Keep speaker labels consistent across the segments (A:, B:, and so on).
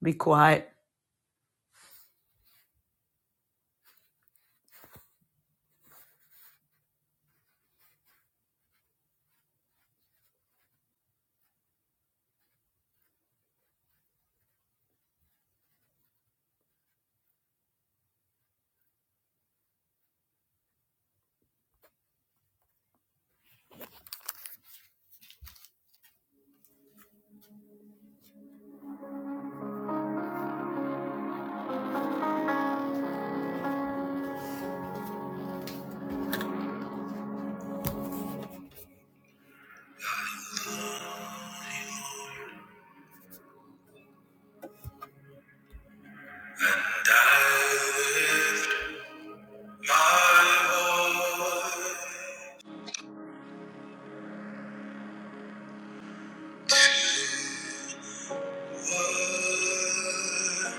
A: Be quiet. My worship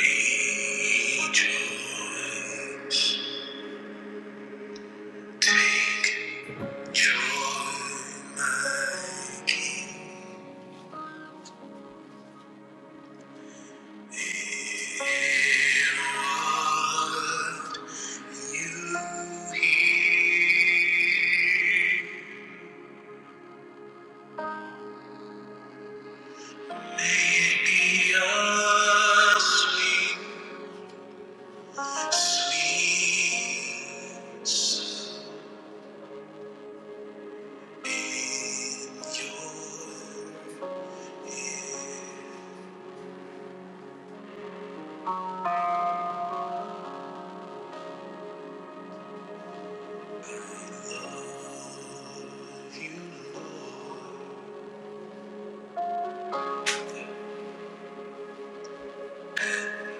A: be to hear. Be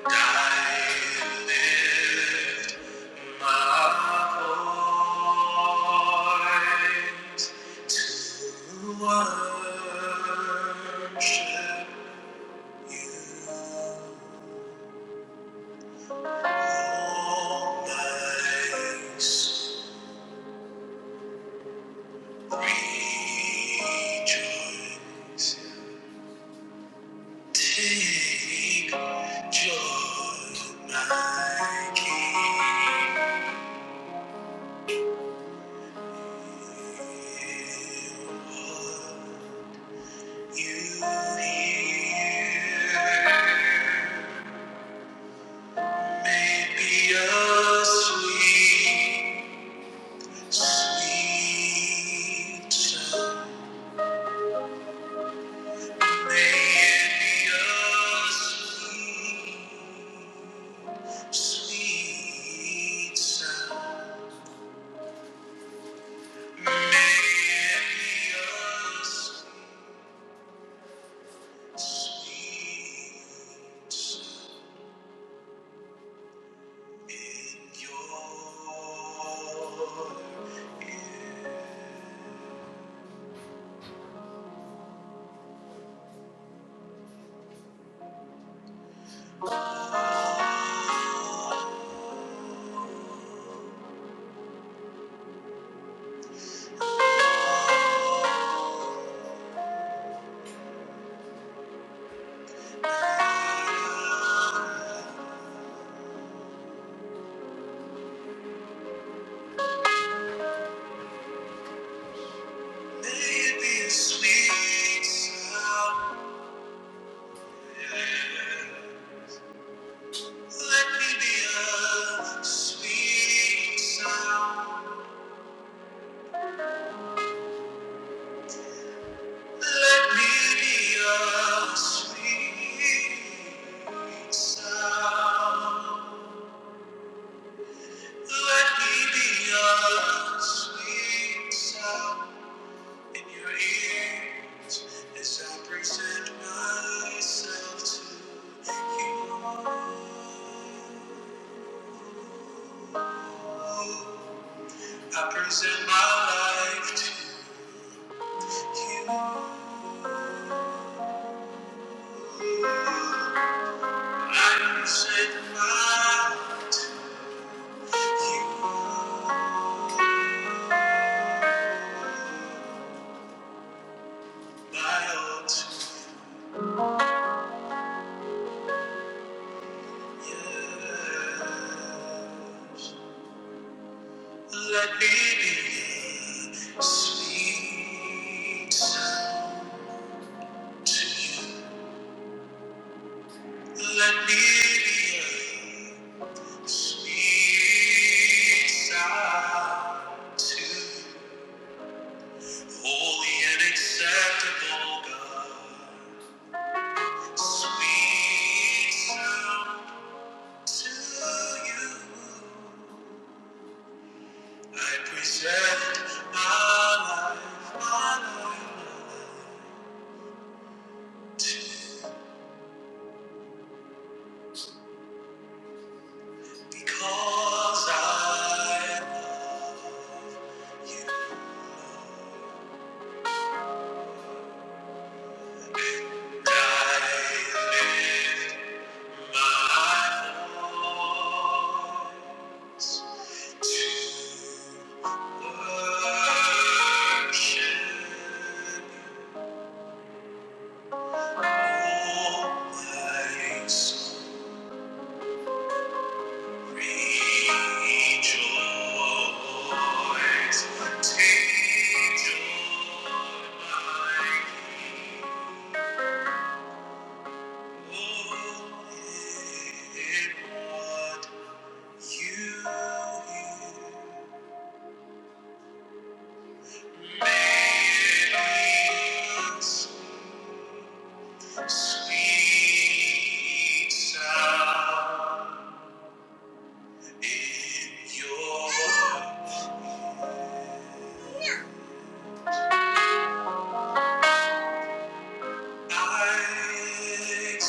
A: I lift my voice. Worship All my rejoice. Take joy, my King. You hear. Maybe a sweet, sweet sound. May it be a sweet Sweet sound, melodious, sweet sound in your ear. May it be a sweet sound. Let me be a sweet sound. Let me be a sweet sound. Let me be your sweet sound in your ears as I present myself to you. I present my life to you. I present my you, my all to you. Let me be sweet sound to you. Let me be a sweet sound to you. holy and acceptable God. Sweet sound to you. I present my life, my life, my life, because I. Oh, in what you hear. Sweet sound in your eyes.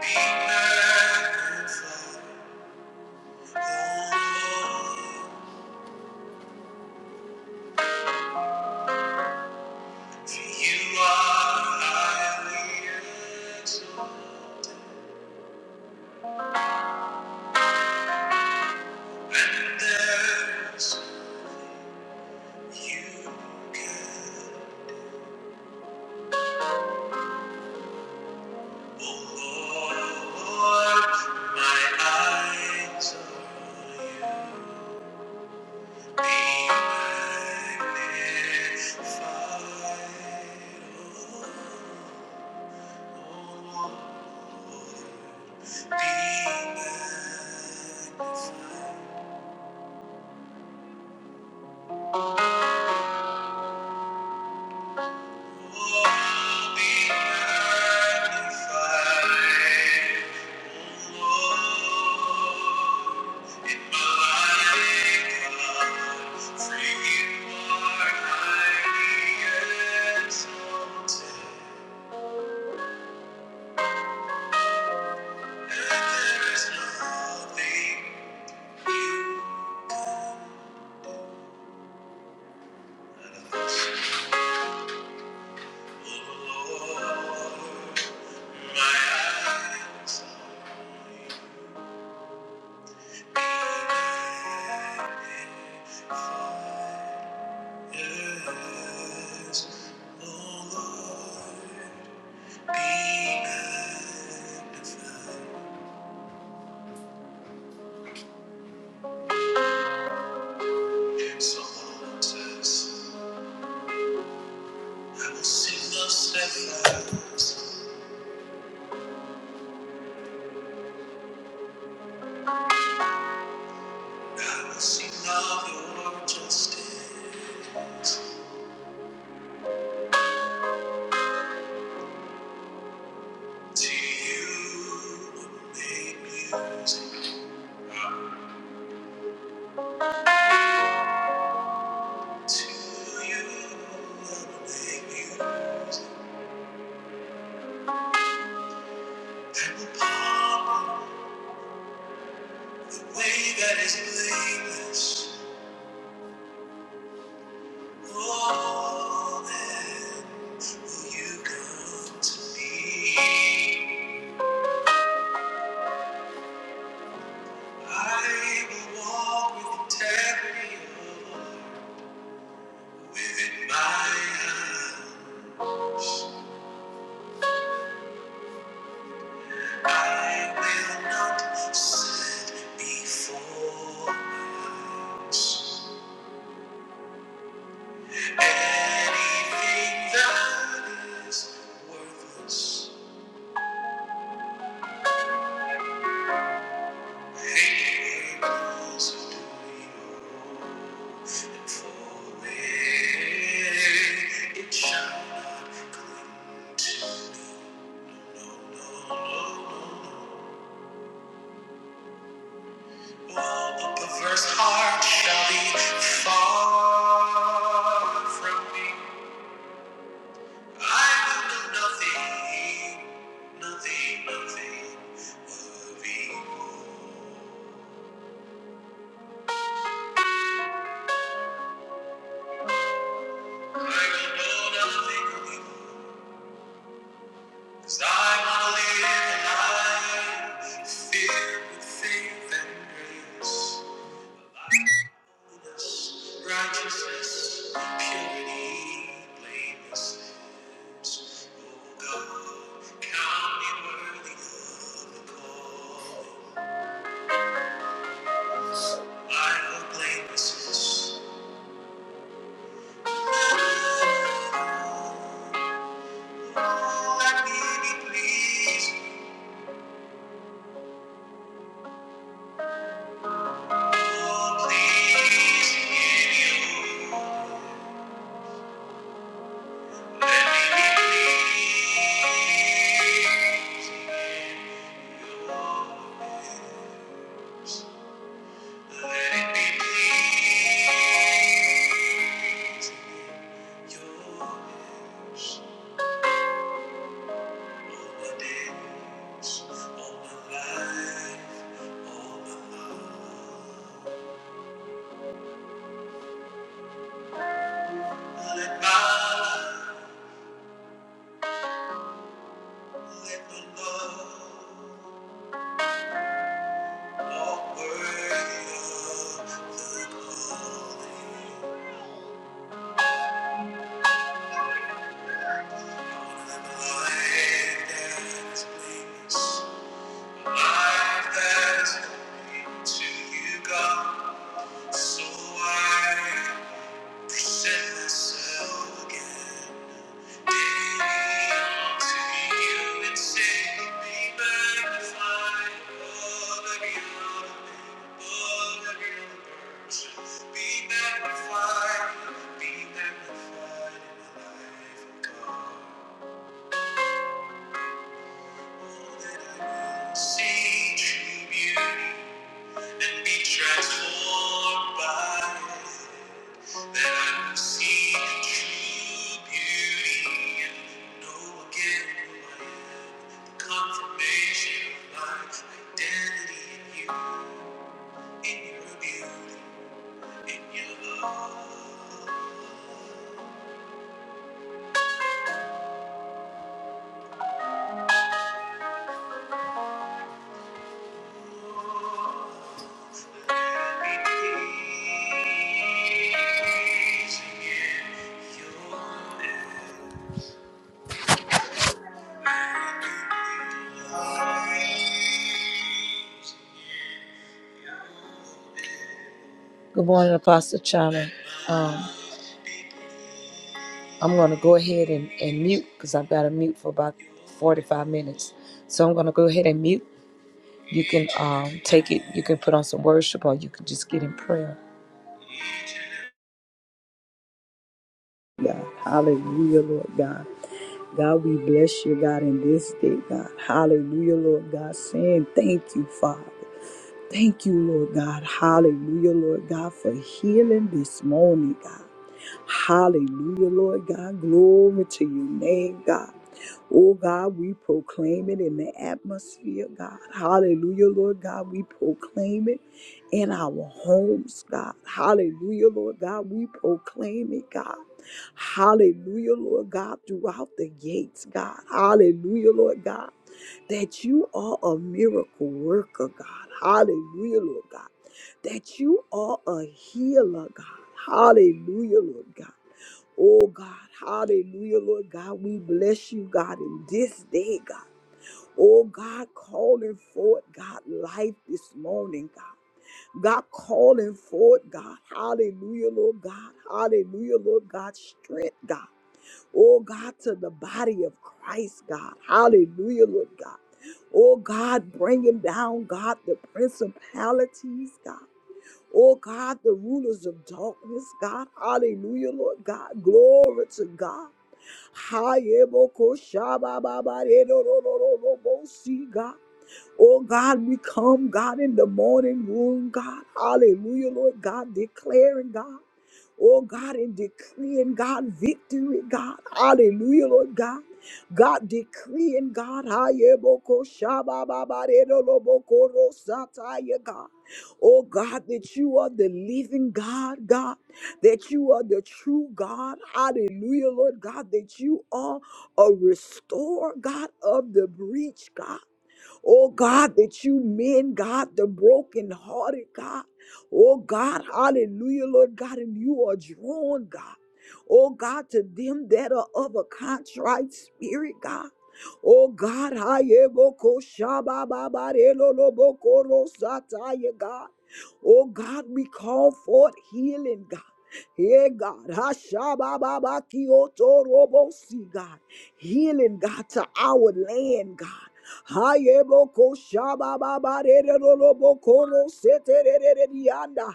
A: Be magnified, O Lord. you are I will exalt, you can. Oh Lord, my eyes are you. Be magnified, oh Lord. Be magnified. Thank you Yes, oh Lord, be magnified. Psalm says, I will sing of steadfast, I will sing of your justice. To you I will make music, to you I will make music, and will palm the way that is blameless. Oh, then will you come to me? I will walk with integrity, within my eyes. I will not sit before my eyes. Anything that is worthless, anything else of doing. It shall not cling to no, no, no, no. a perverse heart shall be far from me. I will do nothing, nothing, nothing of evil. I will know nothing of evil, 'cause I want to live a life filled with faith and grace. Righteousness, purity, blamelessness. Oh God, count me worthy of the call. I will blamelessness. Let me be pleased, oh pleased in you. Let me be pleased in your name. Let it be your hands on the days, on the life, on the love. Let my life, let the love walk worthy of the calling. Life that is blameless, life that is holy to you, God. So I present myself again daily unto you and say, Be magnified above every other man, above every other person. Be magnified, be magnified in the life of God. All That I will see true beauty. and be transformed by it, that I will see true beauty and know again who I am, the confirmation of my identity in you, in your beauty, in your love. Be pleasing in your name. I Good morning, Apostle Chana. Um, I'm going to go ahead and, and mute because I've got to mute for about 45 minutes. So I'm going to go ahead and mute. You can um, take it, you can put on some worship, or you can just get in prayer.
B: God. Hallelujah, Lord God. God, we bless you, God, in this day, God. Hallelujah, Lord God, saying thank you, Father. Thank you, Lord God. Hallelujah, Lord God, for healing this morning, God. Hallelujah, Lord God. Glory to your name, God. Oh God, we proclaim it in the atmosphere, God. Hallelujah, Lord God. We proclaim it in our homes, God. Hallelujah, Lord God. We proclaim it, God. Hallelujah, Lord God, throughout the gates, God. Hallelujah, Lord God that you are a miracle worker, God. Hallelujah, Lord God. That you are a healer, God. Hallelujah, Lord God. Oh, God. Hallelujah, Lord God. We bless you, God, in this day, God. Oh, God, calling forth, God, life this morning, God. God calling forth, God. Hallelujah, Lord God. Hallelujah, Lord God. Strength, God oh God, to the body of Christ, God. Hallelujah, Lord God. Oh God, bringing down, God, the principalities, God. Oh God, the rulers of darkness, God. Hallelujah, Lord God. Glory to God. Hayebokoshabababaredorororobosi, God. Oh God, we come, God, in the morning room, God. Hallelujah, Lord God, declaring, God oh God, and decreeing God victory, God. Hallelujah, Lord God. God decreeing God, Hayeboko Shabababarero Loboko Rosataya God. Oh God, that you are the living God, God, that you are the true God. Hallelujah, Lord God, that you are a restorer, God, of the breach, God. Oh God, that you mend, God, the brokenhearted, God. Oh God, hallelujah, Lord God, and you are drawn, God. Oh God, to them that are of a contrite spirit, God. Oh God, I am a God. Oh God, we call forth healing, God. Hey, God. Hashabababakiotorobossi, God. Healing, God, to our land, God. Hayeboko shababa barere re ro ro boko ro sete re re re dianda.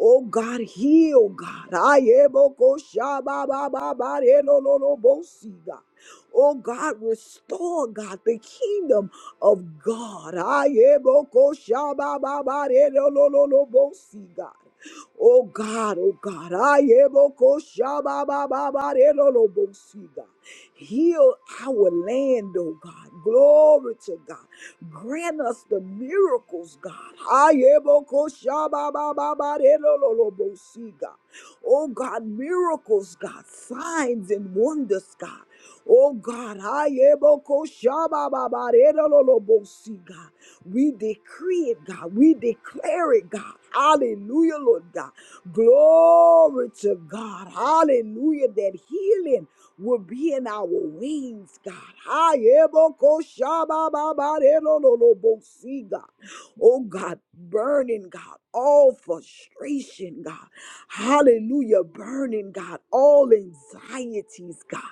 B: Oh God, heal, God. I am a kosha ba ba ba ba de lo lo lo bo si, God. Oh God, restore, God, the kingdom of God. I am a kosha ba ba ba de lo lo lo lo bo si, God. Oh God, oh God, I am a kosha ba ba ba ba de lo lo bo si, God. Heal our land, oh God. Glory to God. Grant us the miracles, God. Ayebokoshababababarelolobosi, God. Oh God, miracles, God, signs and wonders, God. Oh God, ayebokoshabababarelolobosi, God. we decree it, God. We declare it, God. Hallelujah, Lord God. Glory to God. Hallelujah. That healing will be in our wings, God. Ayebokoshabababarelololobosi, God. Oh God, burning, God, all frustration, God. Hallelujah, burning, God, all anxieties, God.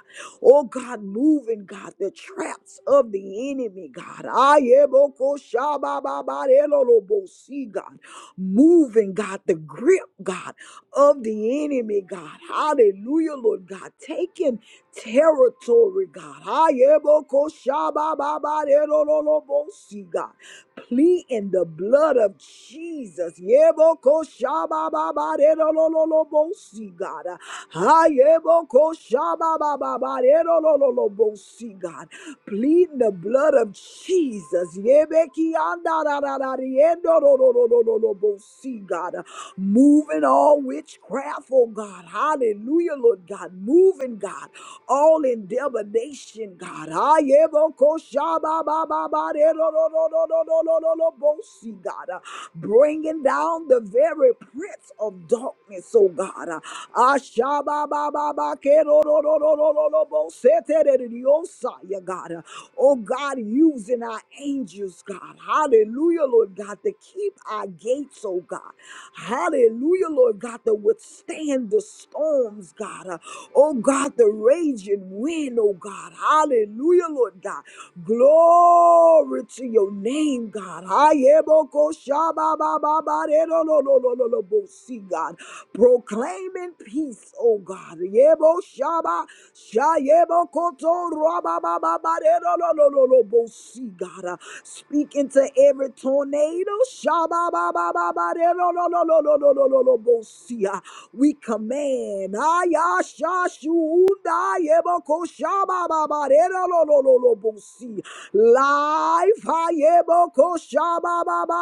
B: Oh God, moving, God, the traps of the enemy, God. Ayebokoshabababarelolobosi, God. Moving, God, the grip, God, of the enemy, God. Hallelujah, Lord God. Taking territory, God. Ayebokoshabababarerolobosi, God. Plead in the blood of Jesus. Yebokoshabababarerolobosi, God. Ayebokoshabababarerolobosi, God. Plead in the blood of Jesus. Yebekiandarararariendorororororobosi, God moving all witchcraft, oh God. Hallelujah, Lord God. Moving, God all endeavor nation, God. Ah, yeah, bo- ko- sha- ba- ba- ba- ba- de- do- do- do- do- do- do- do- do- do- bo- see, God. Ah, Bringing down the very prince of darkness, oh God. Ah, ah, sha- ba- ba- ba- ba- ke- do- do- do- do- do- do- do- bo- se- te- de- de- de- oh, sa- yeah, God. Ah, Oh God, using our angels, God. Hallelujah, Lord God, to keep our gates, oh God. Hallelujah, Lord God, to withstand the storms, God. Uh, Oh God, the raging wind, oh God. Hallelujah, Lord God. Glory to your name, God. Ayeboko shababababare, no, no, no, no, no, no, bo- See, God proclaiming peace, oh God. Yebo shaba, shayebo koto, rabababa, derolololobo, see, God. Uh, Speak into every tornado. shababababa, derololololobo, see, uh, We command. Aya shashunda, yebo ko shabababa, derolololobo, see, Life. ayebo ko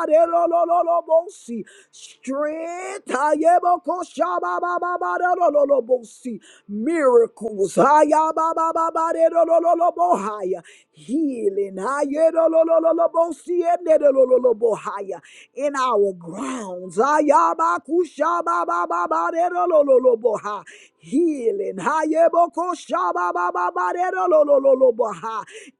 B: Arerolololobosi. Strength. Ayebokoshababababarololobosi. Miracles. Ayababababarololobohaya. Healing. Ayerolololobosi. Enerololobohaya. In our grounds. Ayabakushababababarololoboha. Healing. Ayebokoshababa,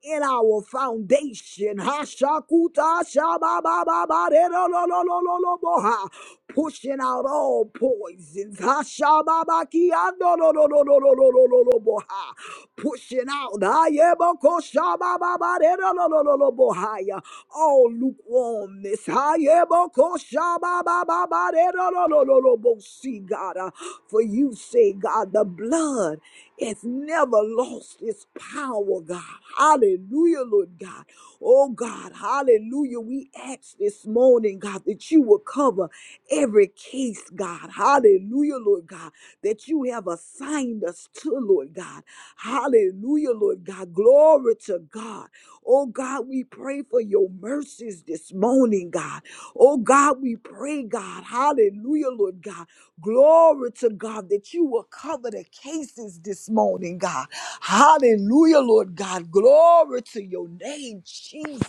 B: in laying our foundation. Hashakuta shabababa, de lo lo lo lo lo lo bo ha. Pushing out all poisons. Hashababaki, ando lo lo lo lo lo lo lo lo lo bo ha. Pushing out. Hayeboko shabababa, de lo lo lo lo lo bo ha ya. All lukewarmness. Hayeboko shabababa, de lo lo lo lo lo bo si, God. Uh, For you say, God, the blood. It's never lost its power, God. Hallelujah, Lord God. Oh, God. Hallelujah. We ask this morning, God, that you will cover every case, God. Hallelujah, Lord God, that you have assigned us to, Lord God. Hallelujah, Lord God. Glory to God. Oh, God, we pray for your mercies this morning, God. Oh, God, we pray, God. Hallelujah, Lord God Glory to God that you will cover the cases this morning, God. Hallelujah, Lord God. Glory to your name, Jesus.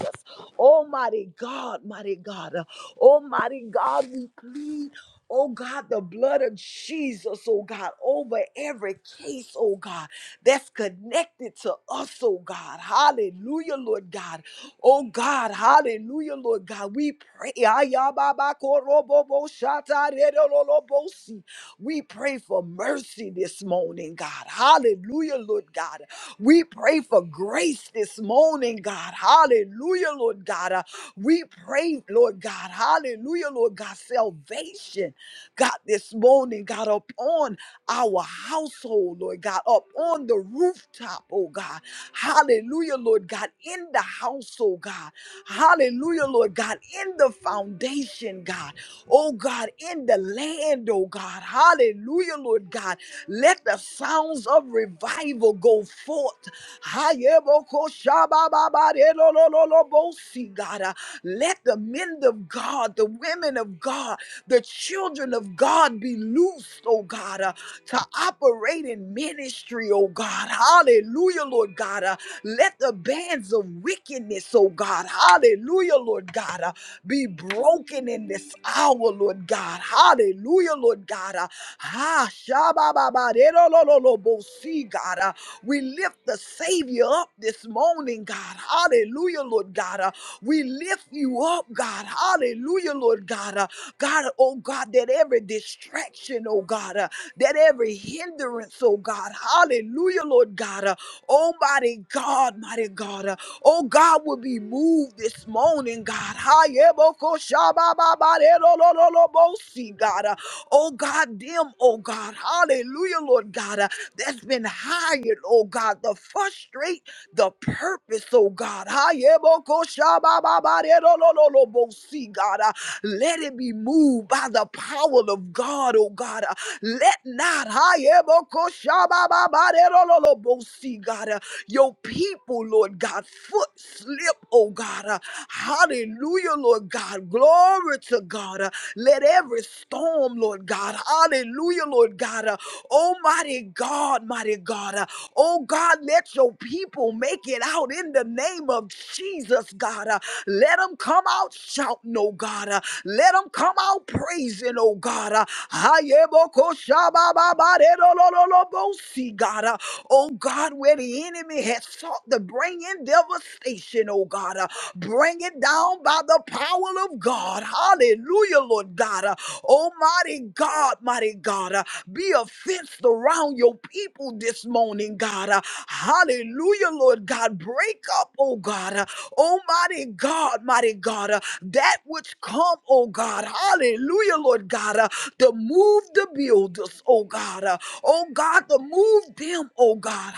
B: Almighty God, mighty God. Uh, Almighty God, we plead. Oh God, the blood of Jesus, oh God, over every case, oh God, that's connected to us, oh God. Hallelujah, Lord God. Oh God, hallelujah, Lord God. We pray. Ayababakoroboboshatarerololobosi. We pray for mercy this morning, God. Hallelujah, Lord God. We pray for grace this morning, God. Hallelujah, Lord God. Uh, We pray, Lord God. Hallelujah, Lord God. Salvation, God, this morning, God, upon our household, Lord God, up on the rooftop, oh God. Hallelujah, Lord God, in the household, God. Hallelujah, Lord God, in the foundation, God. Oh God, in the land, oh God. Hallelujah, Lord God. Let the sounds of revival go forth. Hayebokoshabababarelolololobosi, God. Uh, Let the men of God, the women of God, the children of God be loosed, oh God, uh, to operate in ministry, oh God. Hallelujah, Lord. Lord God. Uh, let the bands of wickedness, oh God, hallelujah, Lord God, uh, be broken in this hour, Lord God. Hallelujah, Lord God. Uh, ah, shabba-ba-ba-de-lo-lo-lo-lo-bo-si, God. Uh, we lift the Savior up this morning, God. Hallelujah, Lord God. Uh, we lift you up, God. Hallelujah, Lord God. Uh, God, oh God, that every distraction, oh God, uh, that every hindrance, oh God, hallelujah, Lord God, uh, Oh, mighty God, mighty God. Uh, Oh, God will be moved this morning, God. Hayebokoshabababarerolololobosi, God. Uh, Oh, God, them, oh, God. Hallelujah, Lord God. Uh, That's been hired, oh, God, to frustrate the purpose, oh, God. Hayebokoshabababarerolololobosi, God. Uh, let it be moved by the power of God, oh God. Uh, Let not see God uh, your people, Lord God, foot slip, oh God. Uh, Hallelujah, Lord God. Glory to God. Uh, Let every storm, Lord God, Hallelujah, Lord God. Uh, oh, God, mighty God. Uh, oh, God, let your people make it out in the name of Jesus, God. Uh, let them come out shouting, oh, God. Uh, let them come out praising, oh, God. Uh, Ayebokoshabababaredolololobosi, God. Uh, oh, God, where the enemy has sought to bring in devastation, oh, God. Uh, bring it down by the power of God. Hallelujah, Lord God. Uh, Oh, mighty God, mighty God, uh, be a fence around your people this morning, God. Uh, hallelujah, Lord God. Break up, oh God. Uh, oh, mighty God, mighty God, uh, that which come, oh God. Hallelujah, Lord God, uh, to move the builders, oh God. Uh, oh God, to move them, oh God.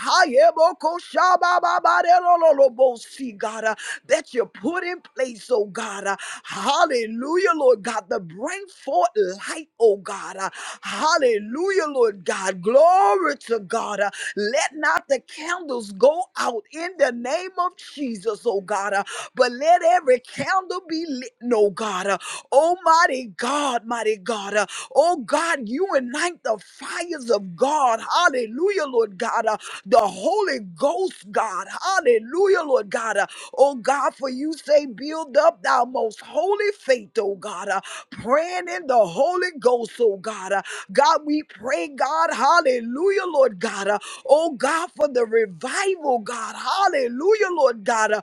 B: Hayebokoshabababarelolobosi, God, uh, that you put in place, oh God. Uh, hallelujah, Lord God. the bring forth light, oh God. Uh, Hallelujah, Lord God. Glory to God. Uh, Let not the candles go out in the name of Jesus, oh God. Uh, But let every candle be lit, oh God. Uh, Almighty God, mighty God. Uh, Oh God, unite the fires of God. Hallelujah, Lord God. Uh, The Holy Ghost, God. Hallelujah, Lord God. Uh, Oh God, for you say, build up thou most holy faith, oh God. God, uh, praying in the Holy Ghost, oh God. Uh, God, we pray, God, hallelujah, Lord God. Uh, oh God, for the revival, God, hallelujah, Lord God, uh,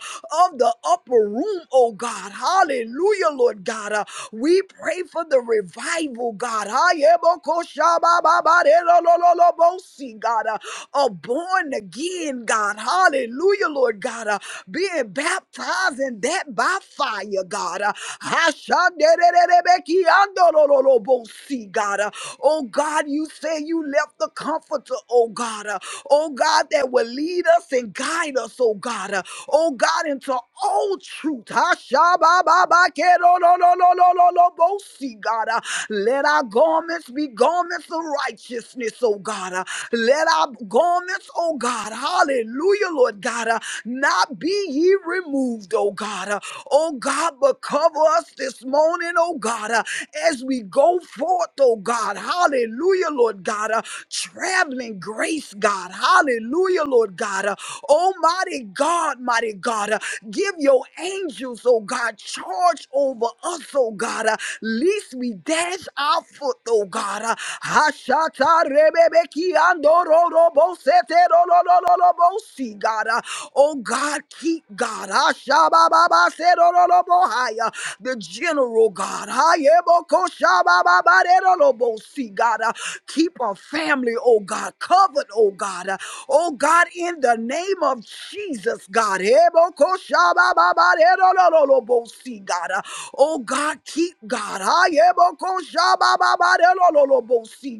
B: of the upper room, oh God, hallelujah, Lord God. Uh, we pray for the revival, God. Ayebokoshabababarelololobosi, God, uh, of born again, God, hallelujah, Lord God, uh, being baptized in that by fire, God. Uh, Hashandererebekiandololobosi, God. Uh, Oh God, you say you left the comforter, oh God. Uh, Oh God, that will lead us and guide us, oh God. Uh, Oh God, into all truth. Hashabababakerolololololobosi, God. Uh, Let our garments be garments of righteousness, oh God. Uh, Let our garments, oh God, hallelujah, Lord God, uh, not be ye removed, oh God. Uh, Oh God, but cover us this morning, oh God, uh, as we go forth, oh God. Hallelujah, Lord God. uh, traveling grace, God. Hallelujah, Lord God. Uh, Almighty God, mighty God. uh, give your angels, oh God, charge over us, oh God. Uh, least we dash our foot, oh God. Uh, Hashata rebebeki andororobo seterolololobo, see, God. Uh, oh God, keep God the general God. Hayebokoshabababarerolobosi, God, uh, keep our family, oh God, covered, oh God. uh, Oh God, in the name of Jesus, God. God. uh, Oh God, keep God.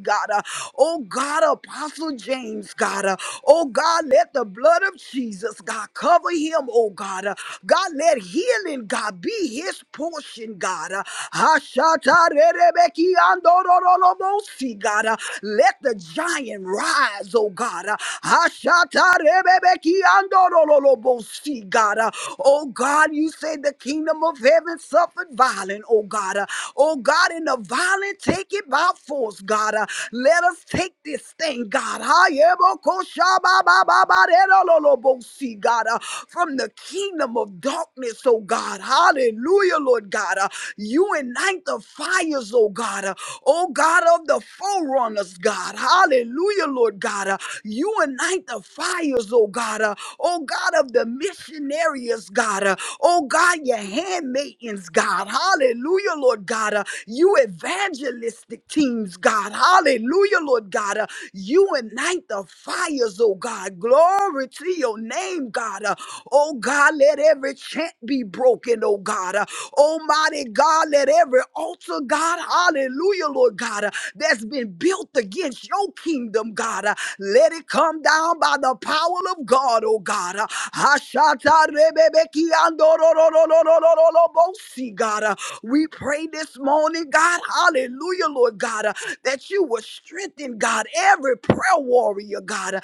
B: God. uh, Oh God, Apostle James, God. uh, Oh God, let the blood of Jesus, God, cover him, oh God. Uh, God, God, let healing, God, be his portion, God. Uh, Ashatarerebekiandororolobosi, God. Uh, Let the giant rise, oh God. Uh, Ashatarerebekiandororolobosi, God. Uh, Oh God, you say the kingdom of heaven suffered violent, oh God. Uh, Oh God, in the violent take it by force, God. Uh, Let us take this thing, God. Hayebokoshababababarerolobosi, God. Uh, From the kingdom of darkness, oh God. Hallelujah, Lord God. Uh, you ignite the fires, oh God. Uh, oh God of the forerunners, God. Hallelujah, Lord God. Uh, you ignite the fires, oh God. Uh, oh God of the missionaries, God. Uh, oh God, your handmaidens, God. Hallelujah, Lord God. Uh, you evangelistic teams, God. Hallelujah, Lord God. Uh, you ignite the fires, oh God. Glory to your name, God. Uh, Oh God, let every chant be broken, oh God. Uh, Almighty God, let every altar, God, hallelujah, Lord God, uh, that's been built against your kingdom, God, uh, let it come down by the power of God, oh God. Uh, Ashata rebebeki andorororororororobosi, God, uh, we pray this morning, God, hallelujah, Lord God, uh, that you will strengthen, God, every prayer warrior, God, uh,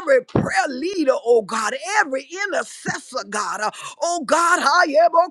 B: every prayer leader, oh God, every intercessor, God. Uh, Oh God,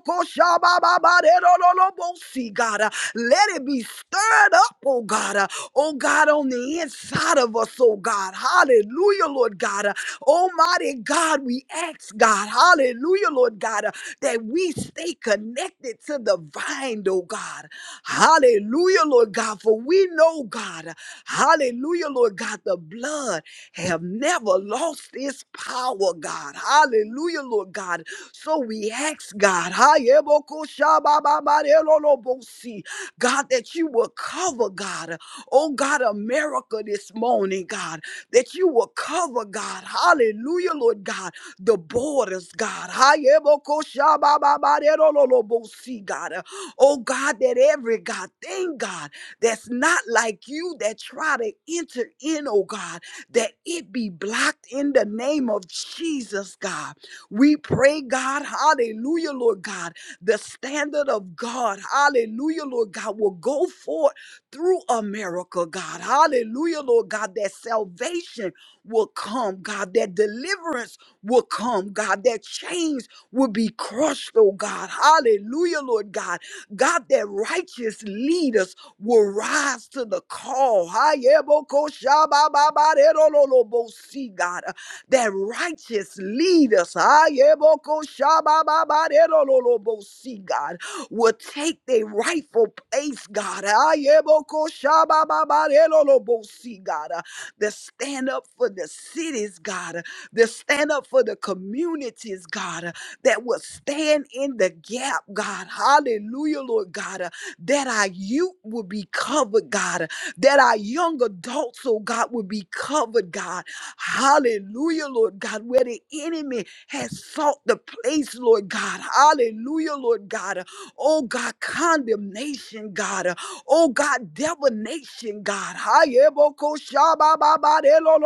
B: Hayebokoshabababaderololobosi, God. Uh, Let it be stirred up, oh God. Uh, Oh God, on the inside of us, oh God. Hallelujah, Lord God. Uh, Almighty God, we ask, God. Hallelujah, Lord God, uh, that we stay connected to the vine, oh God. Hallelujah, Lord God. For we know, God. uh, Hallelujah, Lord God, the blood have never lost its power, God. Hallelujah, Lord God. So we ask, God, Hayebokoshabababarelolobosi, God, that you will cover, God. Oh, God, America this morning, God, that you will cover, God. Hallelujah, Lord God, the borders, God. Hayebokoshabababarelolobosi, God. Oh, God, that every God thing, God, that's not like you that try to enter in, oh God that it be blocked in the name of Jesus, God. We pray, God, hallelujah, Lord God. The standard of God, hallelujah, Lord God, will go forth through America, God. Hallelujah, Lord God, that salvation will come, God, that deliverance will come, God, that chains will be crushed, oh God. Hallelujah, Lord God God, that righteous leaders will rise to the call. Hayebokoshabababaderololobosi, God, uh, that righteous leaders Hayebokoshabababaderololobosi, God, will take their rightful place, God. Hayebokoshabababaderololobosi, God, uh, that stand up for the cities, God, uh, that stand up for the communities, God, that will stand in the gap, God. Hallelujah, Lord God. uh, That our youth will be covered, God. uh, That our young adults, oh God, will be covered, God. Hallelujah, Lord God. Where the enemy has sought the place, Lord God. Hallelujah, Lord God. uh, Oh God, condemnation, God. uh, Oh God, divination, God. Hayebokoshabababadelo,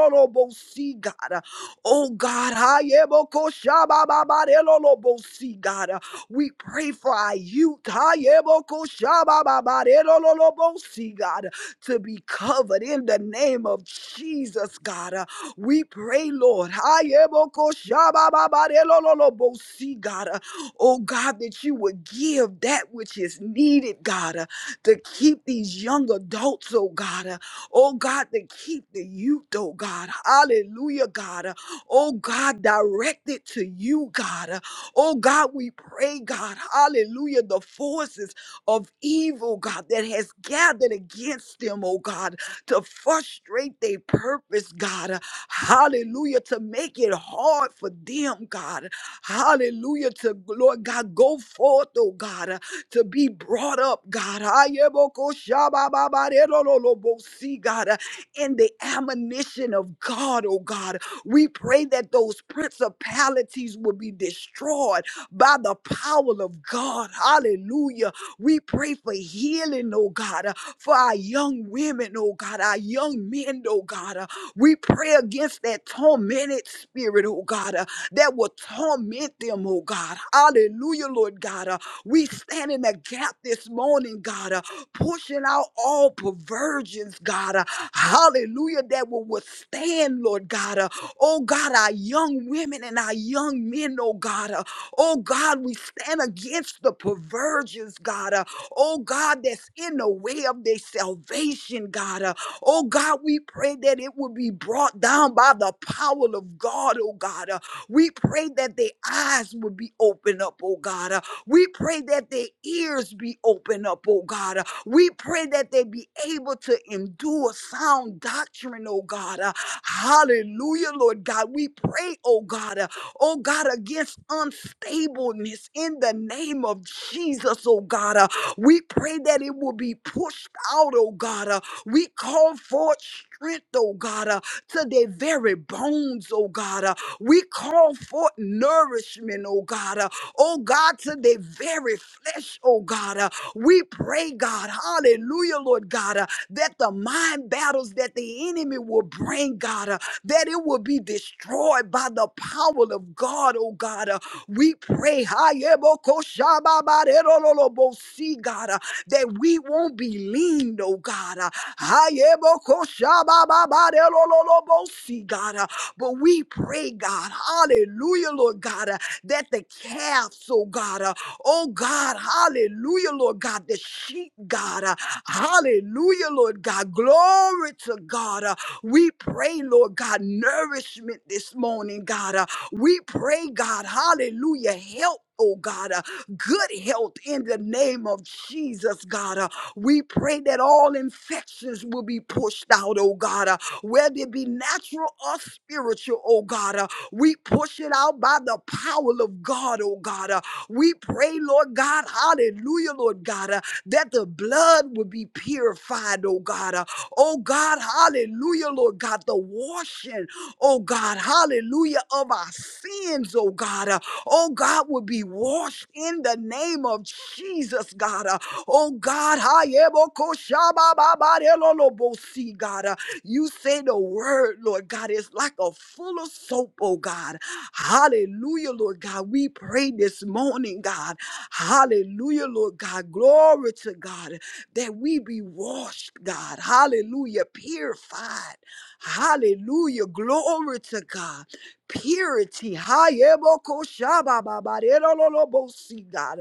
B: God. Oh God, Hayebokoshabababarelolobosi, God, uh, we pray for our youth. Hayebokoshabababarelolobosi, God, to be covered in the name of Jesus, God. Uh, We pray, Lord. Hayebokoshabababarelolobosi, God, uh, oh God, that you would give that which is needed, God, uh, to keep these young adults, oh God, uh, oh God, to keep the youth, oh God. Hallelujah, God. Oh God, direct it to you, God. Uh, Oh God, we pray, God. Hallelujah. The forces of evil, God, that has gathered against them, oh God, to frustrate their purpose, God. Uh, Hallelujah. To make it hard for them, God. Hallelujah. To, Lord God, go forth, oh God, uh, to be brought up, God. Ayebokoshabababarerololobosi, God, uh, in the admonition of God, oh God. We pray that those principalities will be destroyed by the power of God. Hallelujah. We pray for healing, oh God, uh, for our young women, oh God, our young men, oh God. uh, We pray against that tormented spirit, oh God, uh, that will torment them, oh God. Hallelujah, Lord God. uh, We stand in the gap this morning, God, uh, pushing out all perversions, God. uh, Hallelujah, that will withstand, Lord God. uh, Oh God, our young women and our young men, oh God. Uh, oh God, we stand against the perversions, God. Uh, oh God, that's in the way of their salvation, God. Uh, oh God, we pray that it will be brought down by the power of God, oh God. Uh, we pray that their eyes will be opened up, oh God. Uh, we pray that their ears be opened up, oh God. We pray that they be able to endure sound doctrine, oh God. Uh, hallelujah, Lord God. We pray, oh God, uh, oh God, against unstableness in the name of Jesus, oh God. Uh, we pray that it will be pushed out, oh God. Uh, we call forth strength, oh God, uh, to their very bones, oh God. Uh, we call forth nourishment, oh God. Uh, oh God, to their very flesh, oh God. Uh, we pray, God, hallelujah, Lord God, uh, that the mind battles that the enemy will bring, God, uh, that it will be destroyed by the power of God, oh God. uh, we pray, hayebokoshababarerololobosi, God, uh, that we won't be leaned, oh God. uh, hayebokoshababarerololobosi, God, uh, but we pray, God, hallelujah, Lord God, uh, that the calves, oh God, uh, Oh God, hallelujah, Lord God, the sheep, God, uh, hallelujah, Lord God, glory to God. uh, we pray, Lord God, nourishment this morning, God. uh, we pray, God, hallelujah, help. Oh God, uh, good health in the name of Jesus, God. uh, we pray that all infections will be pushed out, oh God, uh, whether it be natural or spiritual, oh God. uh, we push it out by the power of God, oh God. uh, we pray, Lord God, hallelujah, Lord God, uh, that the blood would be purified, oh God. Uh, oh God, hallelujah, Lord God, the washing, oh God, hallelujah, of our sins, oh God. Uh, oh God, would be washed in the name of Jesus, God. Uh, oh God, hayebokoshababababelolobosi, God. Uh, you say the word, Lord God, it's like a full of soap, oh God. Hallelujah, Lord God. We pray this morning, God. Hallelujah, Lord God. Glory to God that we be washed, God. Hallelujah, purified. Hallelujah, glory to God. Purity. Hayebokoshabababarerololobosi, God.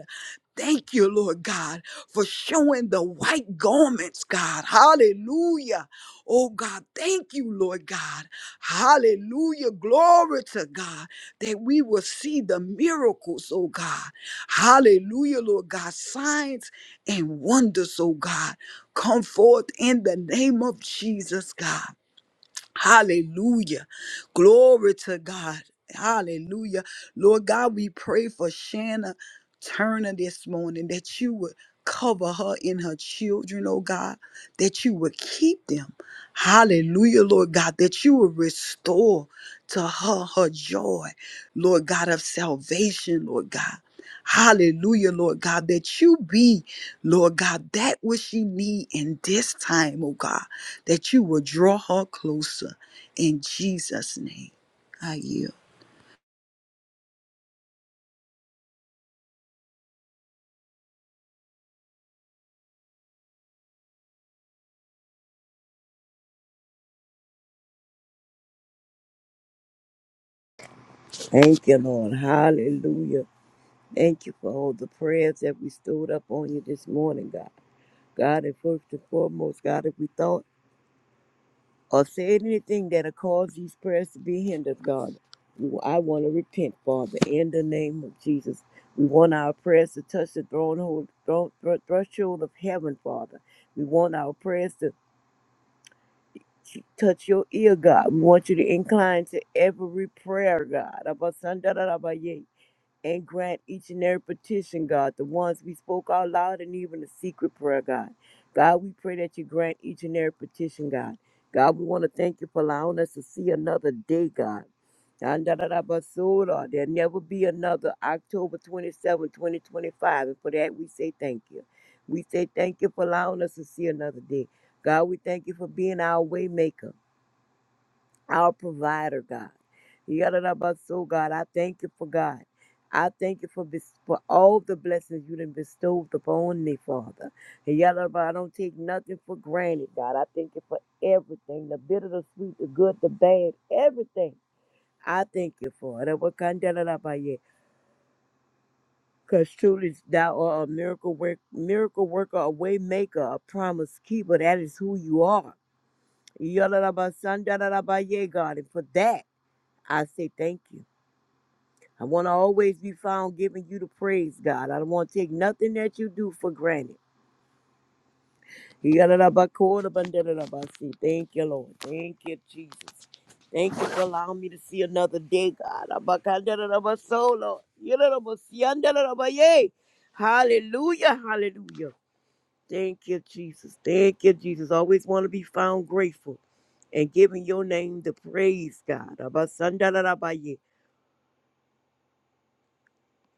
B: Thank you, Lord God, for showing the white garments, God. Hallelujah. Oh God, thank you, Lord God. Hallelujah. Glory to God that we will see the miracles, oh God. Hallelujah, Lord God. Signs and wonders, oh God. Come forth in the name of Jesus, God. Hallelujah. Glory to God. Hallelujah. Lord God, we pray for Shanna Turner this morning that you would cover her and her children, oh God, that you would keep them. Hallelujah, Lord God, that you would restore to her her joy, Lord God, of salvation, Lord God. Hallelujah, Lord God, that you be, Lord God, that which she need in this time, oh God that you will draw her closer in Jesus' name. I yield.
C: Thank you, Lord. Hallelujah. Thank you for all the prayers that we stood up on you this morning, God. God, and first and foremost, God, if we thought or said anything that'll cause these prayers to be hindered, God, we- I want to repent, Father, in the name of Jesus. We want our prayers to touch the throne, hold, throne thro- threshold of heaven, Father. We want our prayers to t- touch your ear, God. We want you to incline to every prayer, God. Abba, Sanda, da, da, ba, yay. and grant each and every petition, God, the ones we spoke out loud and even the secret prayer, God. God, we pray that you grant each and every petition, God. God, we want to thank you for allowing us to see another day, God. There'll never be another October 27, 2025. And for that, we say thank you. We say thank you for allowing us to see another day. God, we thank you for being our way maker our provider, God. Yadadabaso, God, I thank you for God. I thank you for bes- for all the blessings you done bestowed upon me, Father. Yadadaba, I don't take nothing for granted, God. I thank you for everything, the bitter, the sweet, the good, the bad, everything. I thank you for it. Because truly thou art a miracle work, miracle worker, a way maker, a promise keeper. That is who you are. Yadadabasan, Yeah, God. And for that, I say thank you. I want to always be found giving you the praise, God. I don't want to take nothing that you do for granted. Yadadabakodabandadadabasi. Thank you, Lord. Thank you, Jesus. Thank you for allowing me to see another day, God. Abakadadadabaso, Lord. Yadadabasiyandadadabaye. Hallelujah, hallelujah. Thank you, Jesus. Thank you, Jesus. Always want to be found grateful and giving your name the praise, God. Abasandadadabaye.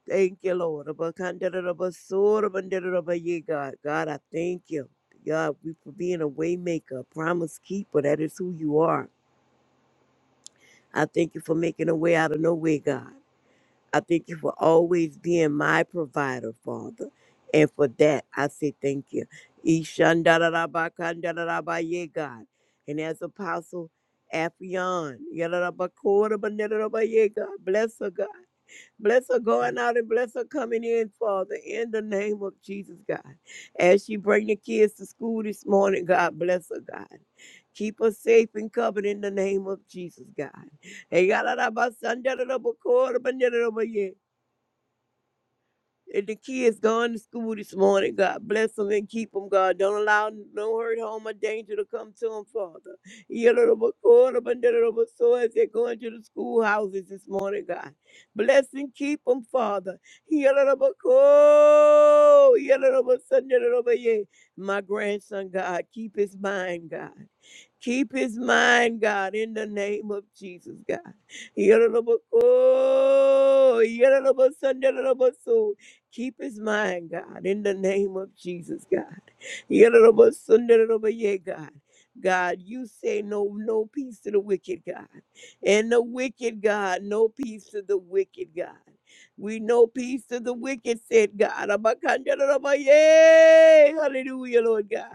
C: Thank you, Lord. Abakandarabasorabandarabaye, God, God, I thank you. God, we for being a way maker, a promise keeper. That is who you are. I thank you for making a way out of no way, God. I thank you for always being my provider, Father. And for that, I say thank you. Ishandarabakandarabaye, God. And as Apostle Afion, God, bless her, God. Bless her going out and bless her coming in, Father, in the name of Jesus, God. As she bring the kids to school this morning, God bless her, God. Keep her safe and covered in the name of Jesus, God. And the kids gone to school this morning. God bless them and keep them, God. Don't allow no hurt, harm, or danger to come to them, Father. Yadadabakodabandadadaba, So as they're going to the schoolhouses this morning, God. Bless and keep them, Father. Yadadabako, yadadabasandadadaba, yeah. My grandson, God, keep his mind, God. Keep his mind, God, in the name of Jesus, God. Yororoboko, yororobosonderoroboso. Keep his mind, God, in the name of Jesus, God. Yororobosonderoroboye, God. God, you say no, no peace to the wicked, God. And the wicked, God, no peace to the wicked, God. We know peace to the wicked, said God. Abakanderoroboye. Hallelujah, Lord God.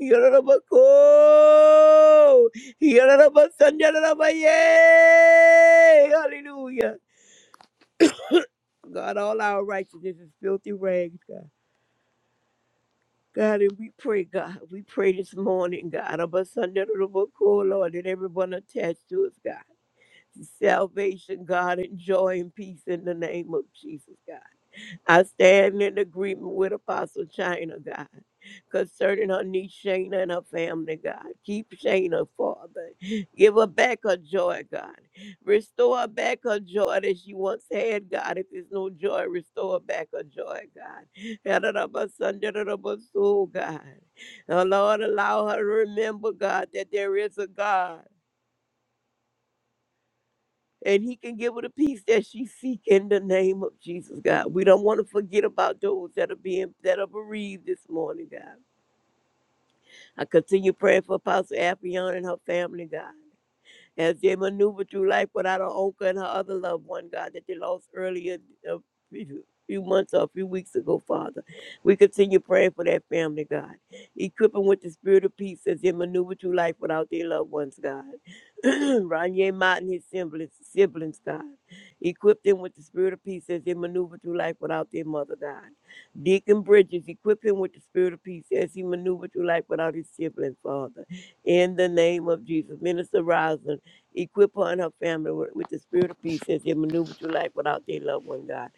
C: Yarabako! Yarabasandarabaye! Hallelujah. God, all our righteousness is filthy rags, God. God, and we pray, God, we pray this morning, God, Abasandarabako, Lord, that everyone attached to us, God. Salvation, God, and joy and peace in the name of Jesus, God. I stand in agreement with Apostle China, God, concerning her niece Shayna and her family, God. Keep Shayna, Father. Give her back her joy, God. Restore her back her joy that she once had, God. If there's no joy, restore her back her joy, God. Yadadabasundaradabasoo, God. Oh, Lord, allow her to remember, God, that there is a God and he can give her the peace that she seek in the name of Jesus, God. We don't want to forget about those that are being that are bereaved this morning, God. I continue praying for Apostle Affion and her family, God as they maneuver through life without her uncle and her other loved one, God, that they lost earlier a few few months or a few weeks ago, Father. We continue praying for that family, God. Equip them with the spirit of peace as they maneuver through life without their loved ones, God. Ronye Mott and his siblings, siblings, God. Equip them with the spirit of peace as they maneuver through life without their mother, God. Deacon Bridges, equip him with the spirit of peace as he maneuvered through life without his sibling, Father. In the name of Jesus. Minister Rosin, Equip her and her family with, with the spirit of peace as they maneuver through life without their loved one, God.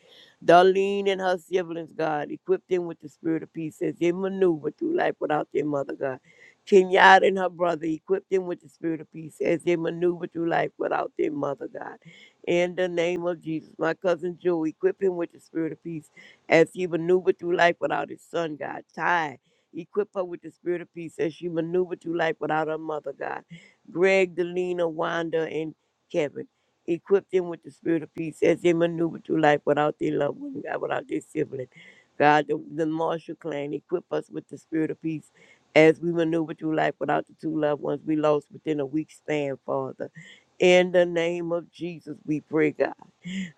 C: Darlene and her siblings, God, equip them with the spirit of peace as they maneuver through life without their mother, God. Kenyatta and her brother, equip them with the spirit of peace as they maneuver through life without their mother, God. In the name of Jesus, my cousin Joe, equip him with the spirit of peace as he maneuvered through life without his son, God. Ty, equip her with the spirit of peace as she maneuvered through life without her mother, God. Greg, Delina, Wanda, and Kevin. Equip them with the spirit of peace as they maneuver through life without their loved one, God, without their sibling. God, the, the Marshall clan, equip us with the spirit of peace as we maneuver through life without the two loved ones we lost within a week span, Father. In the name of Jesus, we pray, God.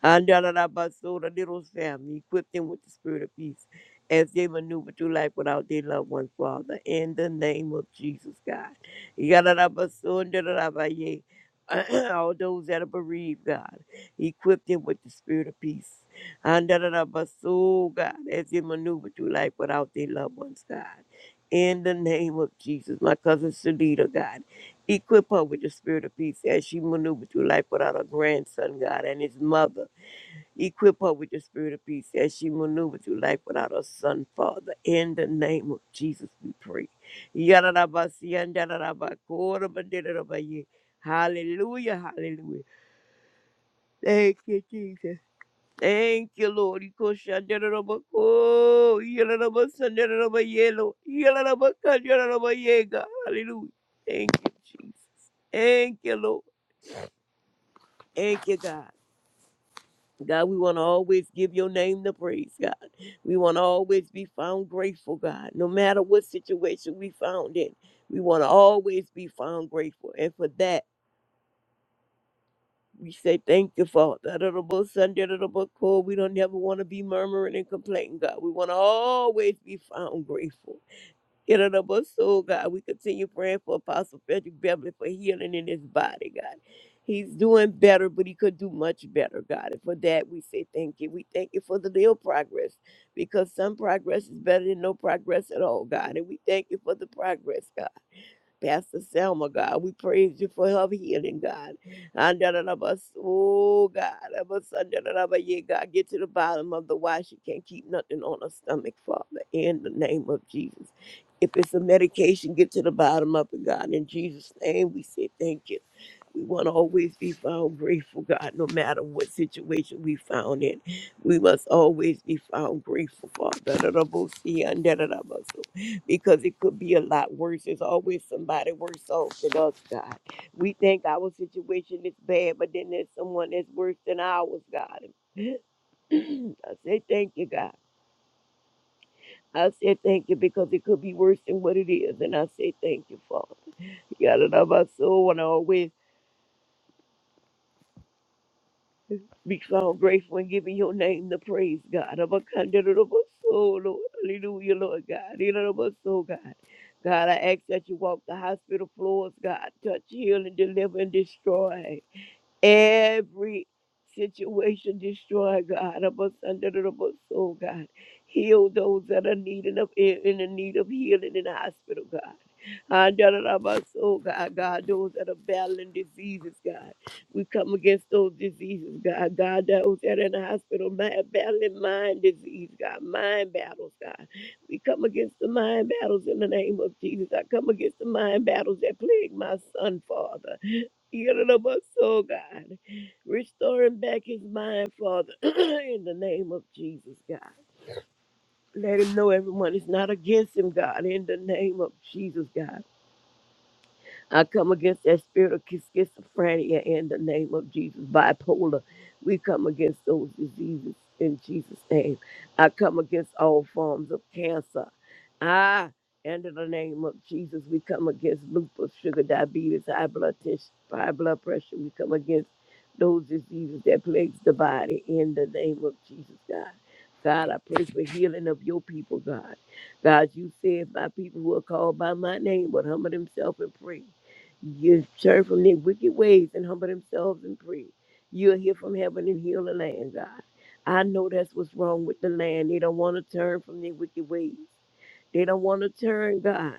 C: Andalalabasola, little family, equip them with the spirit of peace as they maneuver through life without their loved ones, Father. In the name of Jesus, God. Yadalabasondalabaye. All those that are bereaved, God, equip them with the spirit of peace. Andalalabaso, God, as they maneuver through life without their loved ones, God. In the name of Jesus, my cousin Shalita, God, equip her with the spirit of peace as she maneuvered through life without her grandson, God, and his mother. Equip her with the spirit of peace as she maneuvers through life without her son, Father. In the name of Jesus, we pray. Yadadabasiyandadadabakodamadidadabaye. Hallelujah, hallelujah. Thank you, Jesus. Thank you, Lord. Ikoshandadadabako, yadadabasandadadabaye, Lord. Yadadabakandadadabaye, God. Hallelujah. Thank you, Jesus. Thank you, Lord. Thank you, God. God, we want to always give your name the praise, God. We want to always be found grateful, God, no matter what situation we found in. We want to always be found grateful. And for that, we say thank you, Father. Adorable Son, adorable Lord, We don't ever want to be murmuring and complaining, God. We want to always be found grateful. In the number of soul, God, we continue praying for Apostle Frederick Beverly for healing in his body, God. He's doing better, but he could do much better, God. And for that, we say thank you. We thank you for the little progress because some progress is better than no progress at all, God. And we thank you for the progress, God. Pastor Selma, God. We praise you for her healing, God. And Oh, God. da- yeah, God, get to the bottom of the why she can't keep nothing on her stomach, Father, in the name of Jesus. If it's a medication, get to the bottom of it, God. In Jesus' name, we say thank you. We want to always be found grateful, God, no matter what situation we found in. We must always be found grateful, Father because it could be a lot worse. There's always somebody worse off than us, God. We think our situation is bad, but then there's someone that's worse than ours, God. I say thank you, God. I say thank you because it could be worse than what it is, and I say thank you, Father. You got to love our soul and always. Be found grateful and giving your name the praise, God. Of a candidate of us, soul, Lord. Hallelujah, Lord God. In and of us, soul, God. God, I ask that you walk the hospital floors, God. Touch, heal, and deliver and destroy every situation destroy God of us under the Lord's soul, God. Heal those that are needing of in the need of healing in the hospital, God. Under the Lord's soul, God, God, those that are battling diseases, God. We come against those diseases, God. God, those that are in the hospital ma- battling mind disease, God, mind battles, God. We come against the mind battles in the name of Jesus. I come against the mind battles that plague my son, Father. Oh God, restoring back his mind, Father, in the name of Jesus, God. Let him know everyone is not against him, God, in the name of Jesus, God. I come against that spirit of sch- schizophrenia in the name of Jesus. Bipolar, we come against those diseases in Jesus' name. I come against all forms of cancer. Ah, and in the name of Jesus, we come against lupus, sugar diabetes, high blood tissue, high blood pressure. We come against those diseases that plagues the body in the name of Jesus, God. God, I pray for healing of your people, God. God, you said my people who are called by my name would humble themselves and pray. You turn from their wicked ways and humble themselves and pray. You'll hear from heaven and heal the land, God. I know that's what's wrong with the land. They don't want to turn from their wicked ways. They don't want to turn, God.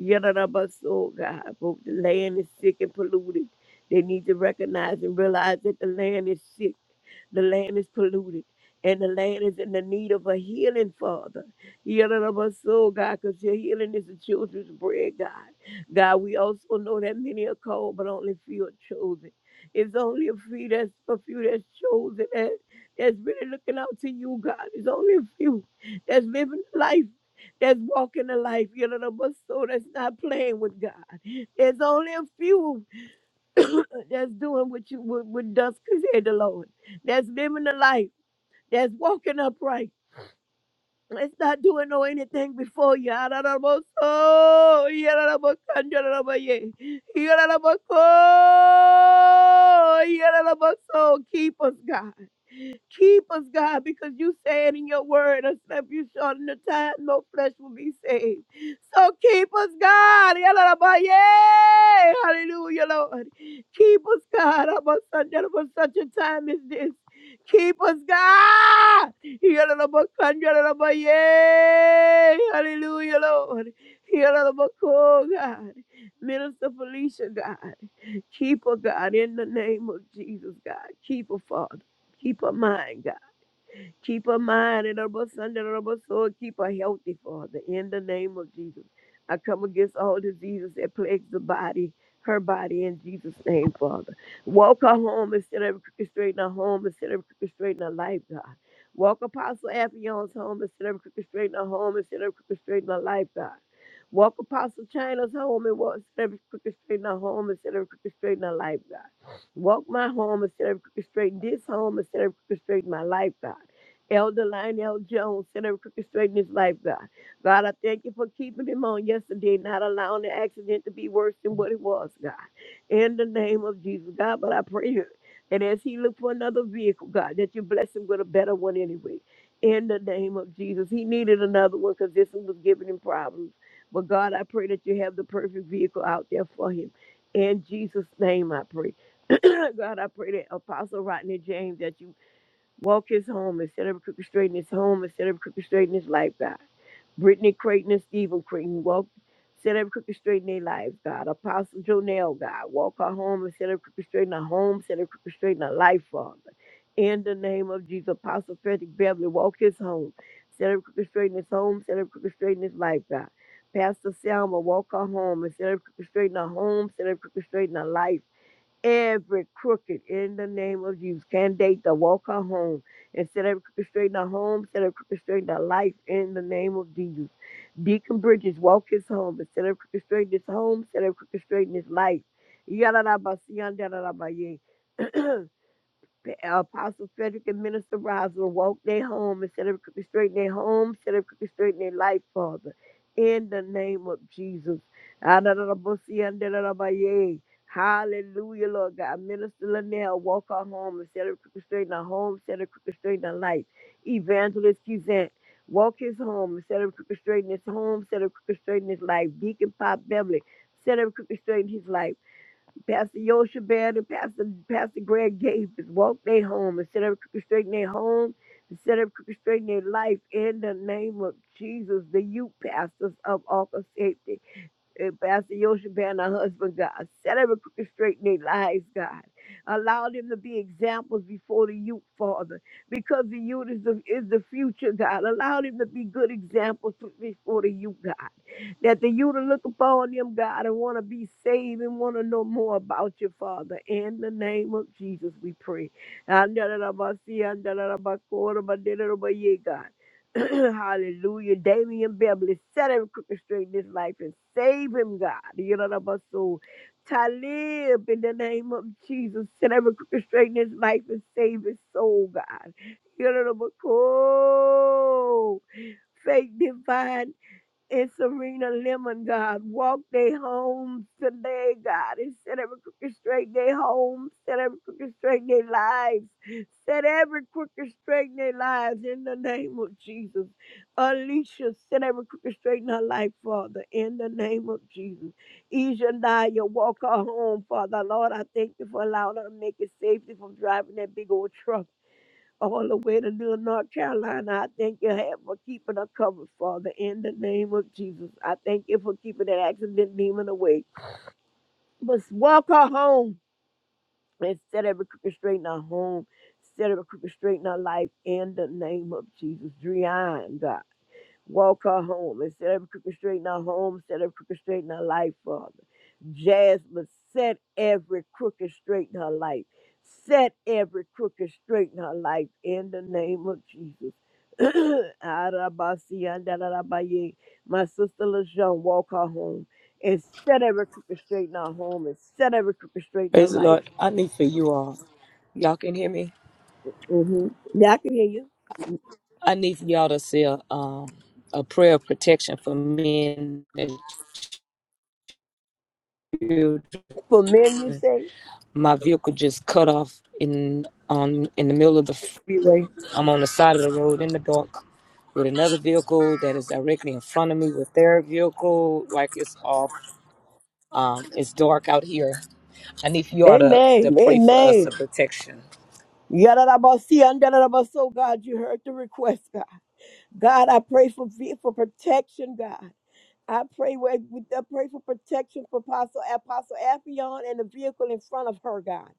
C: Yadadabaso, God. But the land is sick and polluted. They need to recognize and realize that the land is sick. The land is polluted. And the land is in the need of a healing, Father. Healing of our soul, God, because your healing is the children's bread, God. God, we also know that many are called, but only few are chosen. It's only a few that's a few that's chosen that, that's really looking out to you, God. It's only a few that's living life, that's walking the life, healing of our soul, that's not playing with God. There's only a few uh, that's doing what you what, what does said the Lord. That's living the life that's walking upright. It's not doing no anything before you. Araraboso, yararabokanjararabaye, yararabako, yararaboso. Keep us, God. Keep us, God, because you said in your word, except you shorten the time, no flesh will be saved. So keep us, God. Yalalabaye. Hallelujah, Lord. Keep us, God. About such, about such a time as this. Keep us, God. Yalalabakanjalalabaye. Hallelujah, Lord. Yalalabako, God. Minister Felicia, God. Keep her, God, in the name of Jesus, God. Keep her, Father. Keep her mind, God. Keep her mind and her bus- under her bus- soul. Keep her healthy, Father, in the name of Jesus. I come against all diseases that plague the body, her body, in Jesus' name, Father. Walk her home instead of orchestrating her home, instead of orchestrating her life, God. Walk Apostle Aphion's home instead of orchestrating her home, instead of orchestrating her life, God. Walk Apostle China's home and walk instead of orchestrating her home, instead of orchestrating her life, God. Walk my home instead of orchestrating this home, instead of orchestrating my life, God. Elder Lionel Jones, set every crooked straight in his life, God. God, I thank you for keeping him on yesterday, not allowing the accident to be worse than what it was, God. In the name of Jesus, God, but I pray you. And as he look for another vehicle, God, that you bless him with a better one anyway. In the name of Jesus. He needed another one because this one was giving him problems. But God, I pray that you have the perfect vehicle out there for him. In Jesus' name, I pray. God, I pray that Apostle Rodney James, that you Walk his home and set up crooked straight in his home and set up crooked straight in his life, God. Brittany Creighton and Stephen Creighton walk, set up crooked straight in their lives, God. Apostle Jonell, God, walk her home and set up crooked straight in her home, set up crooked straight in her life, Father. In the name of Jesus, Apostle Frederick Beverly, walk his home, set up crooked straight in his home, set up crooked straight in his life, God. Pastor Selma, walk her home and set up crooked straight in her home, set up crooked straight in her life every crooked in the name of Jesus. Candidate to walk her home and set every crooked straight in her home, set every crooked straight in her life in the name of Jesus. Deacon Bridges, walk his home and set every crooked straight in his home, set every crooked straight in his life. Yadadabasiyandadadabaye. The Apostle Frederick and Minister Roswell woke their home and set up crooked straight in their home, set up crooked straight in their life, Father. In the name of Jesus. Adonai-bo-si-an-de-la-la-ba-ye. Hallelujah, Lord God. Minister Linnell, walk our home and set up crooked straight in our home, set up crooked straight in our life. Evangelist Kizant, walk his home and set up crooked straight in his home, set up crooked straight in his life. Deacon Pop Beverly, set up crooked straight in his life. Pastor Yosha Baird and Pastor Pastor Greg Gables, walk they home and set up crooked straight in their home and set up crooked straight in their life in the name of Jesus, the youth pastors of Ark of Safety. And Pastor Yosheba and her husband, God. Set every crooked straight in their lives, God. Allow them to be examples before the youth, Father, because the youth is the, is the future, God. Allow them to be good examples to- before the youth, God. That the youth will look upon them, God, and want to be saved and want to know more about you, Father. In the name of Jesus, we pray. God. Hallelujah. Damian Beverly set every crooked straight in his life and save him, God. You know what I'm saying? Talib, in the name of Jesus, set every crooked straight in his life and save his soul, God. You know what I'm saying? Oh, Faith divine and Serena Lemon, God. Walk their homes today, God. And set every crooked straight their homes, set every crooked straight their lives. Set every crooked straight in their lives in the name of Jesus. Alicia, set every crooked straight in her life, Father, in the name of Jesus. Ejaniah, walk her home, Father. Lord, I thank you for allowing her to make it safely from driving that big old truck all the way to Little North Carolina. I thank you have for keeping her covered, Father, in the name of Jesus. I thank you for keeping that accident demon away. But walk her home and set every crooked straight in her home. Set every crooked straight in her life in the name of Jesus. Drian, God. Walk her home and set every crooked straight in her home, set every crooked straight in her life, Father. Jasmine, set every crooked straight in her life. Set every crooked straight in her life in the name of Jesus. Arabasiandarabaye. My sister LaJean, walk her home and set every crooked straight in her home and set every crooked straight in her
A: Praise the
C: life.
A: Lord. I need for you all. Y'all can hear me?
C: hmm Now I can hear you.
A: I need for y'all to say a, um, a prayer of protection for men and children.
C: For men, you say,
A: my vehicle just cut off in on in the middle of the freeway. I'm on the side of the road in the dark with another vehicle that is directly in front of me with their vehicle. Like it's off. Um, it's dark out here. I need for you all to, to
C: Amen,
A: pray for us a
C: Amen.
A: protection.
C: Yadadabasi, andadadabaso, God, you heard the request, God. God, I pray for, vi- for protection, God. I pray with, with- I pray for protection for Apostle Apostle Appion and the vehicle in front of her, God.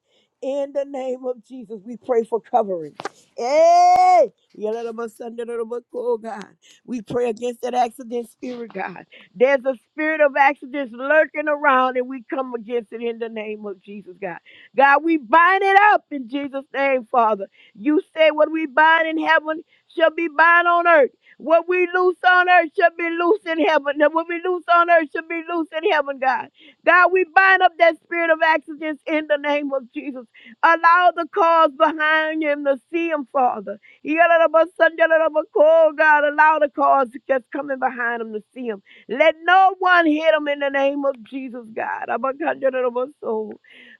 C: In the name of Jesus, we pray for covering. Hey, Yalalabasandalabako, God. We pray against that accident spirit, God. There's a spirit of accidents lurking around, and we come against it in the name of Jesus, God. God, we bind it up in Jesus' name, Father. You say what we bind in heaven shall be bind on earth. What we loose on earth should be loose in heaven. Now, What we loose on earth should be loose in heaven, God. God, we bind up that spirit of accidents in the name of Jesus. Allow the cause behind him to see him, Father. Yalalabasandalabako, God, allow the cause that's coming behind him to see him. Let no one hit him in the name of Jesus, God. Abakandalabaso.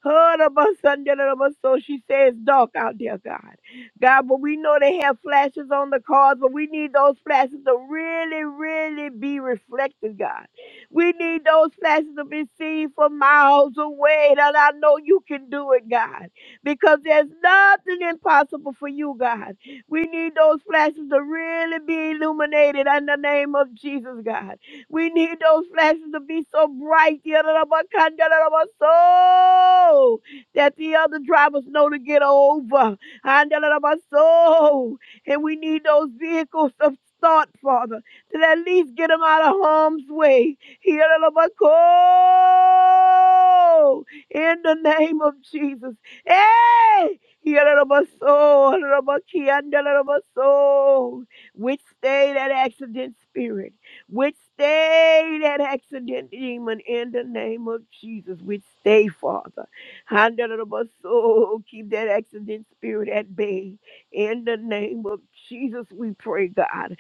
C: Harabasanjalabaso. She says, dark out there, God. God, but we know they have flashes on the cars, but we need those flashes to really, really be reflected, God. We need those flashes to be seen from miles away. And I know you can do it, God, because there's nothing impossible for you, God. We need those flashes to really be illuminated in the name of Jesus, God. We need those flashes to be so bright so that the other drivers know to get over. Andalabaso. And we need those vehicles of thought, Father, to at least get them out of harm's way. Hialabako. In the name of Jesus. Hey! Hialabaso, Andalabaki, Andalabaso. Withstay that accident spirit. Withstay that accident demon in the name of Jesus. Withstay, Father soul, keep that accident spirit at bay. In the name of Jesus, we pray, God.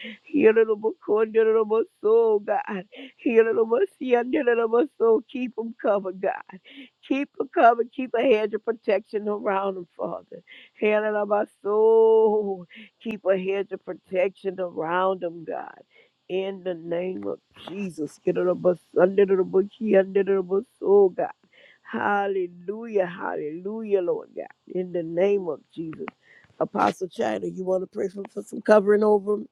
C: soul, God. soul, keep them covered, God. Keep them covered. Keep a hedge of protection around them, Father. soul, keep a hedge of protection around them, God in the name of Jesus. Get it up, us, under the bush, under the soul, God. Hallelujah, hallelujah, Lord God. In the name of Jesus. Apostle China, you want to pray for, for some covering over? 'em?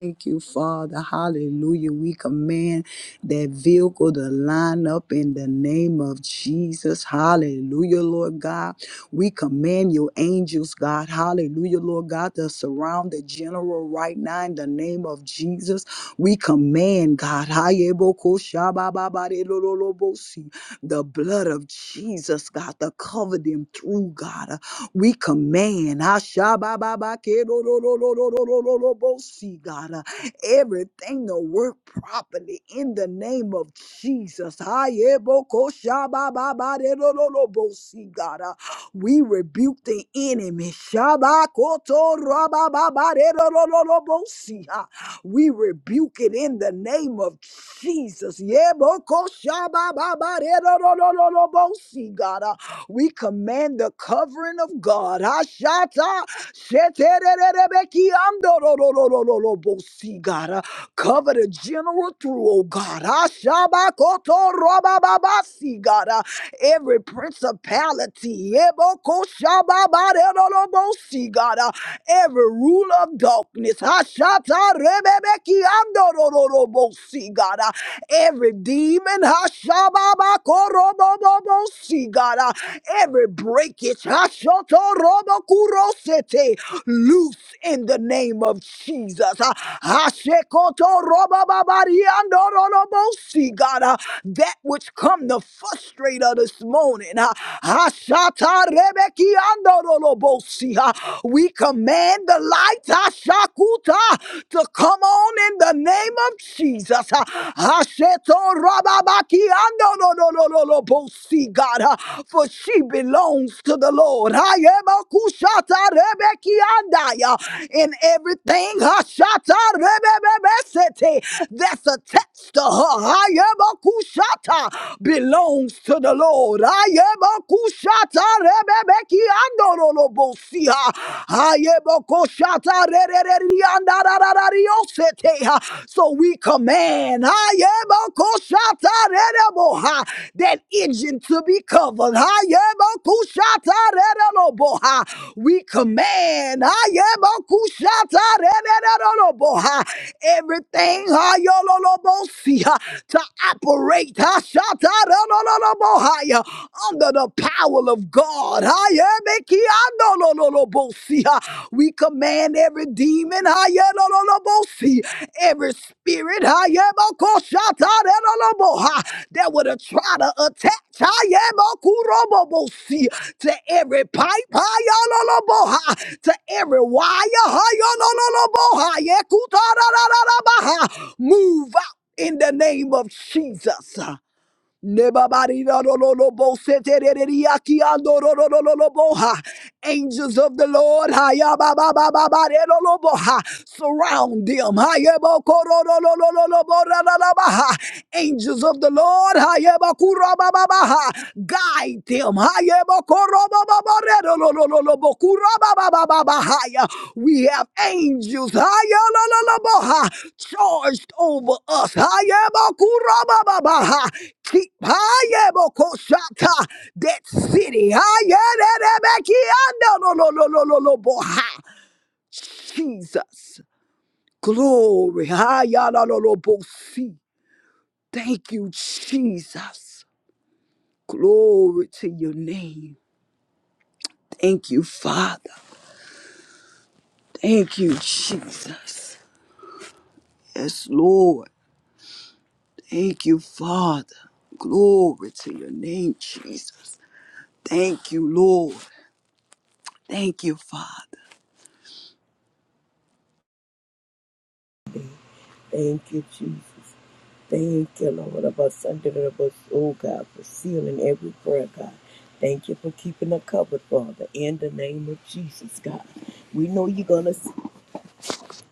B: Thank you, Father. Hallelujah. We command that vehicle to line up in the name of Jesus. Hallelujah, Lord God. We command your angels, God. Hallelujah, Lord God, to surround the general right now in the name of Jesus. We command, God, the blood of Jesus, God, to cover them through, God. We command, Ashabababakedorororororororobosi, God, uh, everything to work properly in the name of Jesus. Ayebokoshabababaderororobosi, God, uh, we rebuke the enemy. Shabakotorabababaderororobosi, uh, We rebuke it in the name of Jesus. Yebokoshabababaderororobosi, God. We command the covering of God. Hashata shetererebekiandorororororobosi, God. Uh, Cover the general through, oh God. Hashabakotorobababasi, God. Uh, Every principality. ebokoshababarerorobosi, God. uh, every rule of darkness. Hashata rebebeki andorororobosi, God. Uh, Every demon, hashababakorobobobosi, God. Uh, Every breakage, hashotorobokuro-sete, loose in the name of Jesus. Uh, hashekotorobababari God. Uh, That which come to frustrate us this morning. uh, Hashata rebeki we command the light Hashakuta, to come on in the name of Jesus. Hasheto Rababaki Ando no no no no no bosi God, uh, for she belongs to the Lord. Hayema Kushata Rebeki Andaya in everything Hashata Rebebebesete that's attached to her. Hayema Kushata belongs to the Lord. Hayema shata rebebeki andorolobosia. Ayeboko shata rereri andarararariosetea. So we command ayeboko shata rereboha, that engine to be covered. Ayeboko shata rereroboha. We command ayeboko shata rereroboha, everything ayololobosia, to operate. Ashata higher under the power of God. Higher, Becky, I know, no, no, no, bo- see, ah. We command every demon, higher, no, no, no, bo- see, every spirit, higher, bo- ko- shata, da, no, no, bo- ha, that would have tried to attach, higher, bo- ku- ro- bo- bo- see, to every pipe, higher, no, no, bo- ha, to every wire, higher, no, no, no, bo- ha, yeah, ku- ta, da, da, da, da, ba- ha. move out in the name of Jesus. Nebabarirarororobosetereriakiandororororoboha. Angels of the Lord, hayabababababareroroboha. surround them. Hayabokororororororoborararabaha. Angels of the Lord, hayabakurabababa. guide them. We have angels high, charged over us. Keep high, that city. Jesus. Glory. Thank you, Jesus. Glory to your name. Thank you, Father. Thank you, Jesus. Yes, Lord. Thank you, Father. Glory to your name, Jesus. Thank you, Lord. Thank you, Father.
C: Thank you, Jesus. Thank you, Lord, of us under the bus, oh God, for sealing every prayer, God. Thank you for keeping her covered, Father, in the name of Jesus, God. We know you're going to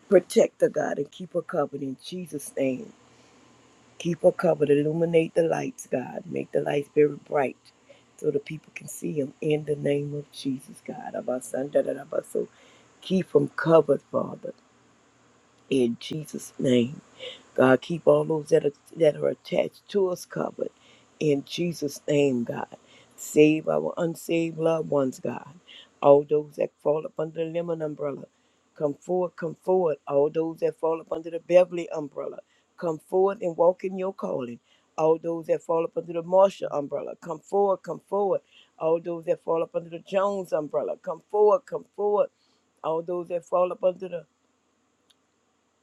C: protect her, God, and keep her covered in Jesus' name. Keep her covered. Illuminate the lights, God. Make the lights very bright so the people can see them in the name of Jesus, God. Abba, son, da, da, da, abba. So keep them covered, Father, in Jesus' name. God, keep all those that are, that are attached to us covered. In Jesus' name, God. Save our unsaved loved ones, God. All those that fall up under the Lemon umbrella, come forward, come forward. All those that fall up under the Beverly umbrella, come forward and walk in your calling. All those that fall up under the Marshall umbrella, come forward, come forward. All those that fall up under the Jones umbrella, come forward, come forward all those that fall up under the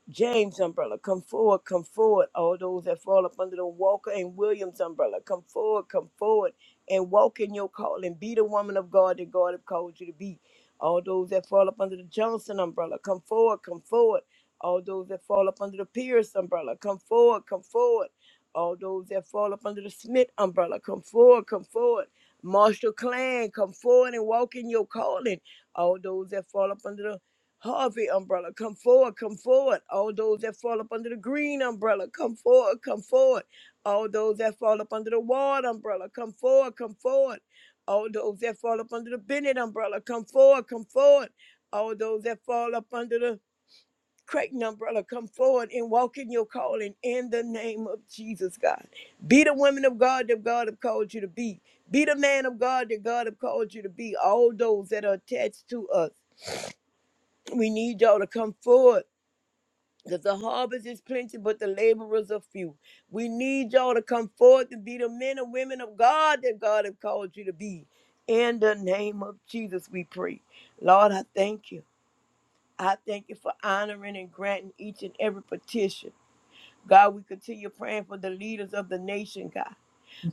C: James umbrella, come forward, come forward. All those that fall up under the Walker and Williams umbrella, come forward, come forward and walk in your calling. Be the woman of God that God has called you to be. All those that fall up under the Johnson umbrella, come forward, come forward. All those that fall up under the Pierce umbrella, come forward, come forward. All those that fall up under the Smith umbrella, come forward, come forward. Marshall Clan, come forward and walk in your calling. All those that fall up under the Harvey umbrella, come forward, come forward. All those that fall up under the green umbrella, come forward, come forward. All those that fall up under the Ward umbrella, come forward, come forward. All those that fall up under the Bennett umbrella, come forward, come forward. All those that fall up under the Creighton umbrella, come forward and walk in your calling in the name of Jesus, God. Be the woman of God that God have called you to be. Be the man of God that God have called you to be. All those that are attached to us, we need y'all to come forward because the harvest is plenty, but the laborers are few. We need y'all to come forth and be the men and women of God that God has called you to be. In the name of Jesus, we pray. Lord, I thank you. I thank you for honoring and granting each and every petition. God, we continue praying for the leaders of the nation, God.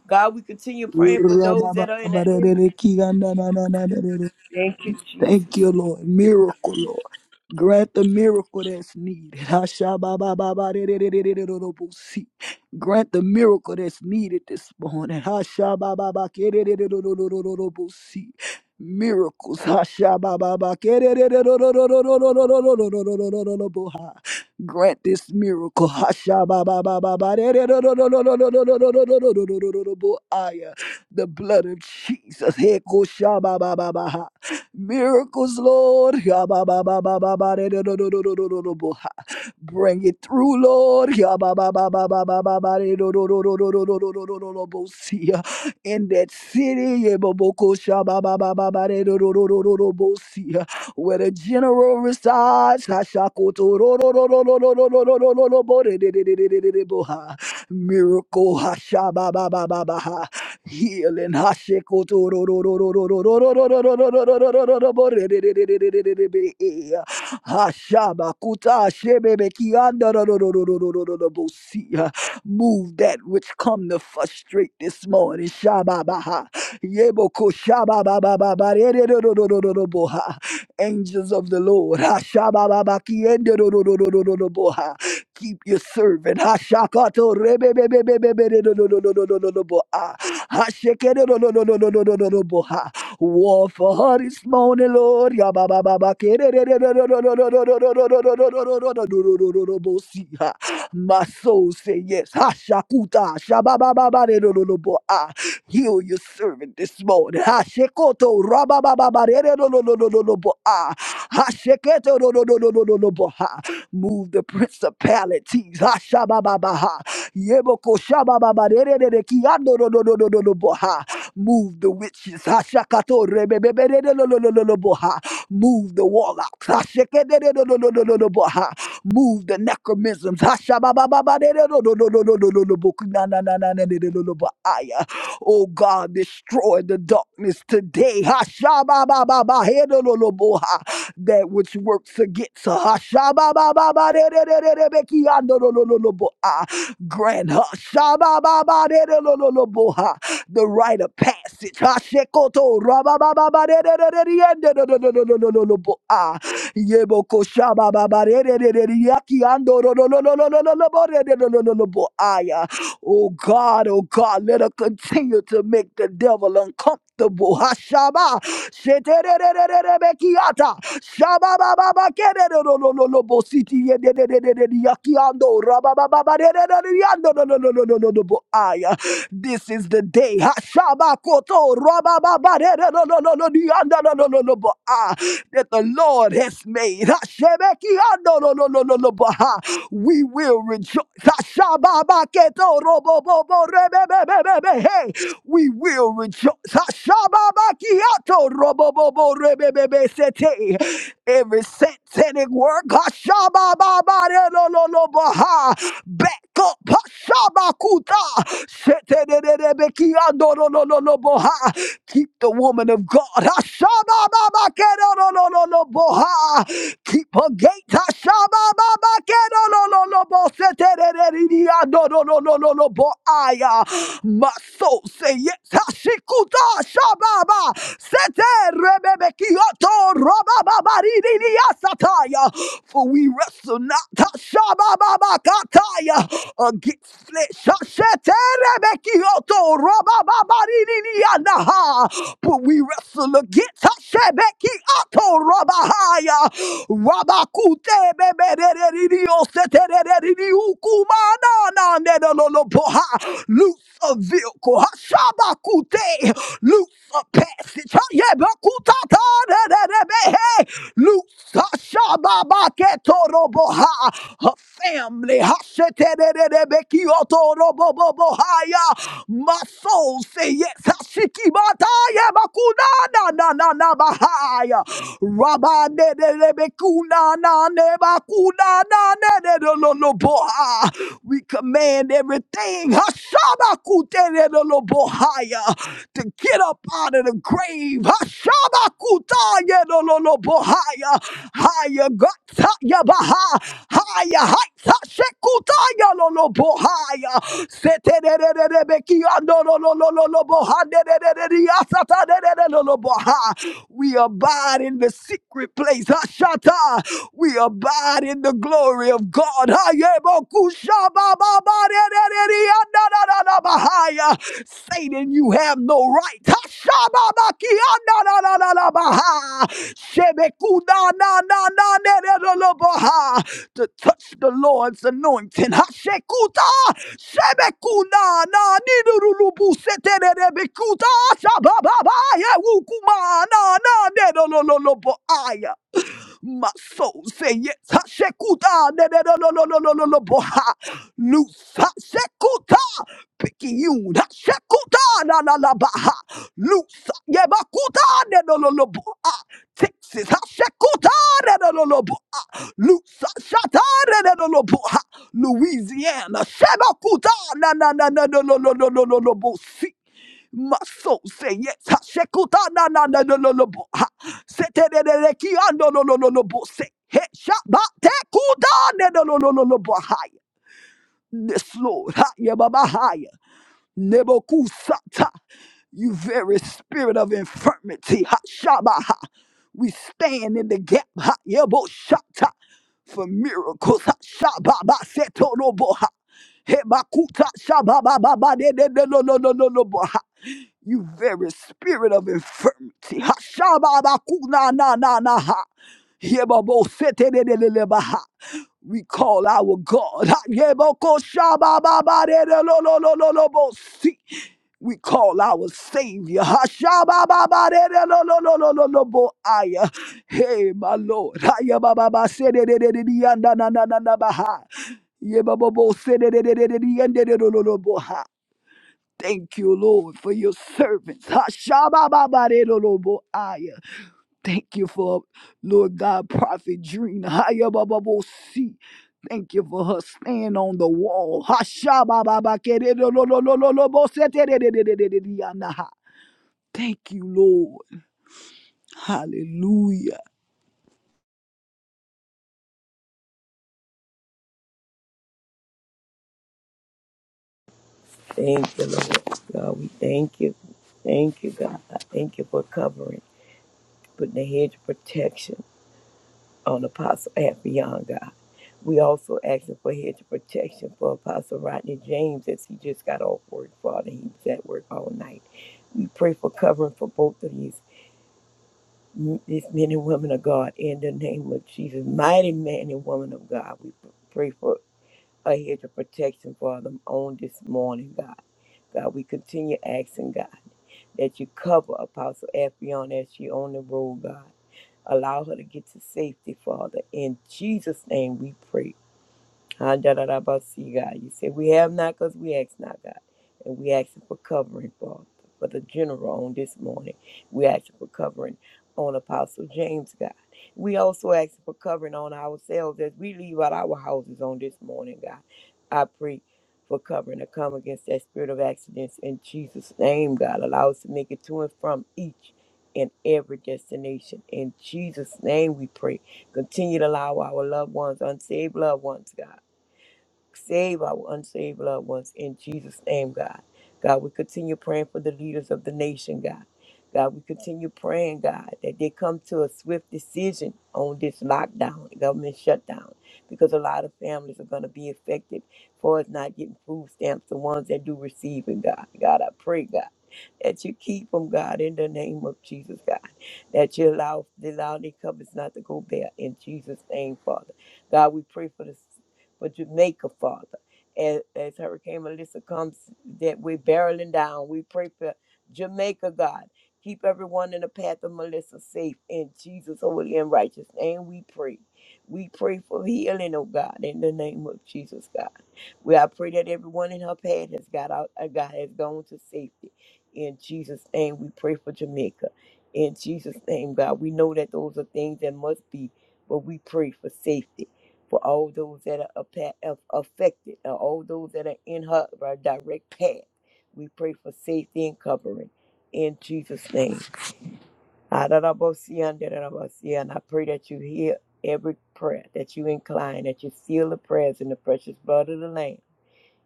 C: God, we continue praying for those that are in the in- Thank you, Jesus.
B: Miracles, Lord. Bring it through, Lord. In that city, where the general resides. Miracle, Healing Hashabakuta Move that which come to frustrate this morning. Shababaha. Yeboko shababababa. Re-re-ro-ro-ro-ro-ro-ro-boha. Angels of the Lord. Hashabababaki. Ende-ro-ro-ro-ro-ro-ro-boha. Keep your servant. Hashakato. Re-be-be-be-be-be-be-re-ro-ro-ro-ro-ro-ro-ro-boha. Yebo koshaba baba dererere kiando do do do do do do boha. Move the witches. Hashakato rebebebe de de lo lo lo boha. Move the warlocks. Hasheke do do do do do do boha. Move the necromisms. Hashaba baba baba do do do do do do do do boku na na na na na de de lo lo Oh God, destroy the darkness today. Hashaba baba baba he do lo boha that which works against us. shabba ba ba ba de de de de de Grant her Shabba-ba-ba-de-de-lo-lo-lo-bo-ha, the rite of passage. Hashekoto rabba-ba-ba-ba-de-de-de-de-de-de-de-de-de-de-de-de-de-de-bo-ha. Yeboko Shabba-ba-ba-de-de-de-de-de-de-yaki-ando-lo-lo-lo-lo-lo-lo-lo-bo-de-de-de-de-de-de-de-bo-ha. Oh God, Oh God, let her continue to make the devil uncomfortable. Haba sheterebekiata shaba baba kere no no no no nobo city e e e e e e yakiando raba baba baba e e e e e e yando no no no no no no nobo ayah. This is the day. Haba koto raba baba baba e e e e e e yando no no no no nobo ah. That the Lord has made. Habeke yando no no no no nobo ha we will rejoice. Ashababaketorobobobobrebebebebebe. Hey, we will rejoice. Ashababakiatoroboboborebebebebesete. Every satanic work, ashabababarelololobaha. back up, ashabakuta. Sheterererebekiandorololoboha. keep the woman of God. Ashabababakerolololoboha. Keep her gate. shaba baba. keno No no no bo setereriya no no No no no no bo bo My soul say yes. Hashikuta shababa. Sete rebebekioto sataya. For we wrestle not shaba baba kataya. against flesh. Hasheterebekioto robababaridianaha. But we wrestle look get shebeki ato rabahaya rabakute bebereririo seterereri ukumana na nedololo poha loose a vehicle hashabakute loose a passage hayebakutata nerebehe loose hashababake toroboha her family hashetererebeki otorobobobohaya soul say yes. Hashikimataya bakuna na na na bahaya. Rabane de de bekuna na ne bakuna na ne de de lo lo boha. We command everything Hashabakute de de lo bohaya to get up out of the grave. Hashabakutaya de lo lo bohaya. Higher God, higher Baha, higher, Sekutaya lolo bohaya. We abide in the secret place. Hashata. We abide in the glory of God. Hayebokushabababarereri andadadadabahaya. Satan, you have no right. Hashababaki andadadadabaha. Shebekudananananeloloboha to touch the Lord's anointing. Hashekuta shebekuna na nidurulubu seterebekuta shabababa yewukuma na na nedolololobo aya. My soul say yes. Hashekuta, ne- ne- no, no, no, no, no, no, no, boha. Loose. Hashekuta. Picayune. Hashekuta, na, na, na, baha. Loose. Yebakuta, ne- no, no, no, boha. Texas. Hashekuta, ne- no, no, no, boha. Loose. Shata, ne- ne- no, no, boha. Louisiana. Shebakuta, na, na, na, na, no, no, no, no, no, no, no, no, bosi. My soul say yes. Ha, shekuta na na na no no no bo. Ha, sete de de de ki ando no no no no bo. Se he shaba te kuda ne no no no no no bo. ha. yes Lord. Ha, ye baba hi. Nebokusata, you very spirit of infirmity, Hashabaha. We stand in the gap, Hayeboshata, for miracles, Hashababasetonoboha. Hebakuta shabababa de de de no no no no no boha. You very spirit of infirmity. Ha shababa na na na na ha. Hebabo sete de de de de baha. We call our God. Ayebokoshabababaderelololololobosi. We call our Savior. Hashabababaderelololololobo- Hey, my Lord. Ayabababasedededediyandanananabaha. Yebabobosededededediyandelololoboha. Thank you, Lord, for your servants. Hashabababaderelolobo- Thank you for Lord God, Prophet Drina. Hayabababosi. Thank you for her stand on the wall. Hashabababakerelololololobosete. Thank you, Lord. Hallelujah.
C: Thank you, Lord. God, we thank you. Thank you, God. I thank you for covering, putting the hedge of protection on Apostle Afy Young, God. We also asking for hedge of protection for Apostle Rodney James as he just got off work, Father. He was at work all night. We pray for covering for both of these, these men and women of God in the name of Jesus. Mighty man and woman of God, we pray for a hedge of protection for them on this morning, God. God, we continue asking, God, that you cover Apostle Afy as she on the road, God. Allow her to get to safety, Father. In Jesus' name we pray. Ah, da, da, da, ba, see, God. You said we have not because we ask not, God. And we ask for covering, Father, for the general on this morning. We ask for covering on Apostle James, God. We also ask for covering on ourselves as we leave out our houses on this morning, God. I pray for covering to come against that spirit of accidents in Jesus' name, God. Allow us to make it to and from each and every destination. In Jesus' name we pray. Continue to allow our loved ones, unsaved loved ones, God Save our unsaved loved ones in Jesus' name, God. God, we continue praying for the leaders of the nation, God. God, we continue praying, God, that they come to a swift decision on this lockdown, government shutdown, because a lot of families are going to be affected for us not getting food stamps, the ones that do receive it, God. God, I pray, God, that you keep them, God, in the name of Jesus, God. That you allow, allow their cupboards not to go bare in Jesus' name, Father. God, we pray for the for Jamaica, Father. As, as Hurricane Melissa comes, that we're barreling down, we pray for Jamaica, God. Keep everyone in the path of Melissa safe. In Jesus' holy and righteous name, we pray. We pray for healing, oh God, in the name of Jesus, God. We I pray that everyone in her path has got out, uh, God has gone to safety. In Jesus' name, we pray for Jamaica. In Jesus' name, God, we know that those are things that must be, but we pray for safety for all those that are appa- aff- affected and all those that are in her her direct path. We pray for safety and covering in Jesus' name. Adarabosian, darabosian. I pray that you hear every prayer, that you incline, that you seal the prayers in the precious blood of the Lamb.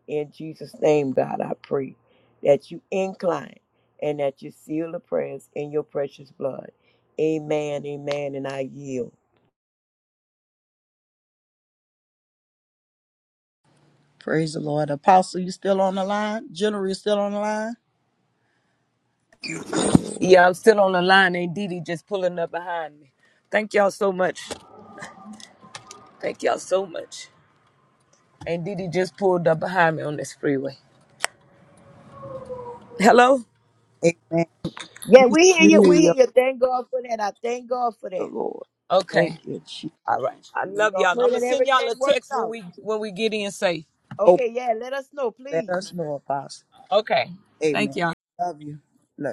C: In Jesus' name, God, I pray that you incline and that you seal the prayers in your precious blood. Amen, amen, and I yield.
B: Praise the Lord. Apostle, you still on the line? General, you still on the line?
A: Yeah, I'm still on the line. Ain't Didi just pulling up behind me. Thank y'all so much. Thank y'all so much. Ain't Didi just pulled up behind me on this freeway. Hello?
B: Amen.
C: Yeah, we hear you.
B: Glory
C: We
B: to
C: hear you. Thank God for that. I thank God for
B: the
C: that.
B: Lord. Thank
A: Okay.
B: you, Jesus.
A: All right. I
C: We're
A: love
C: gonna
A: y'all. I'm
C: pray
A: gonna
C: that
A: send y'all
C: everything
A: a
C: works
A: text when
C: out.
A: we when we get in safe.
B: Open,
C: Okay, yeah, let us know,
B: let
C: please.
B: us know, Apostle.
A: Okay. Thank
B: Amen.
A: y'all.
B: Love you. Love you.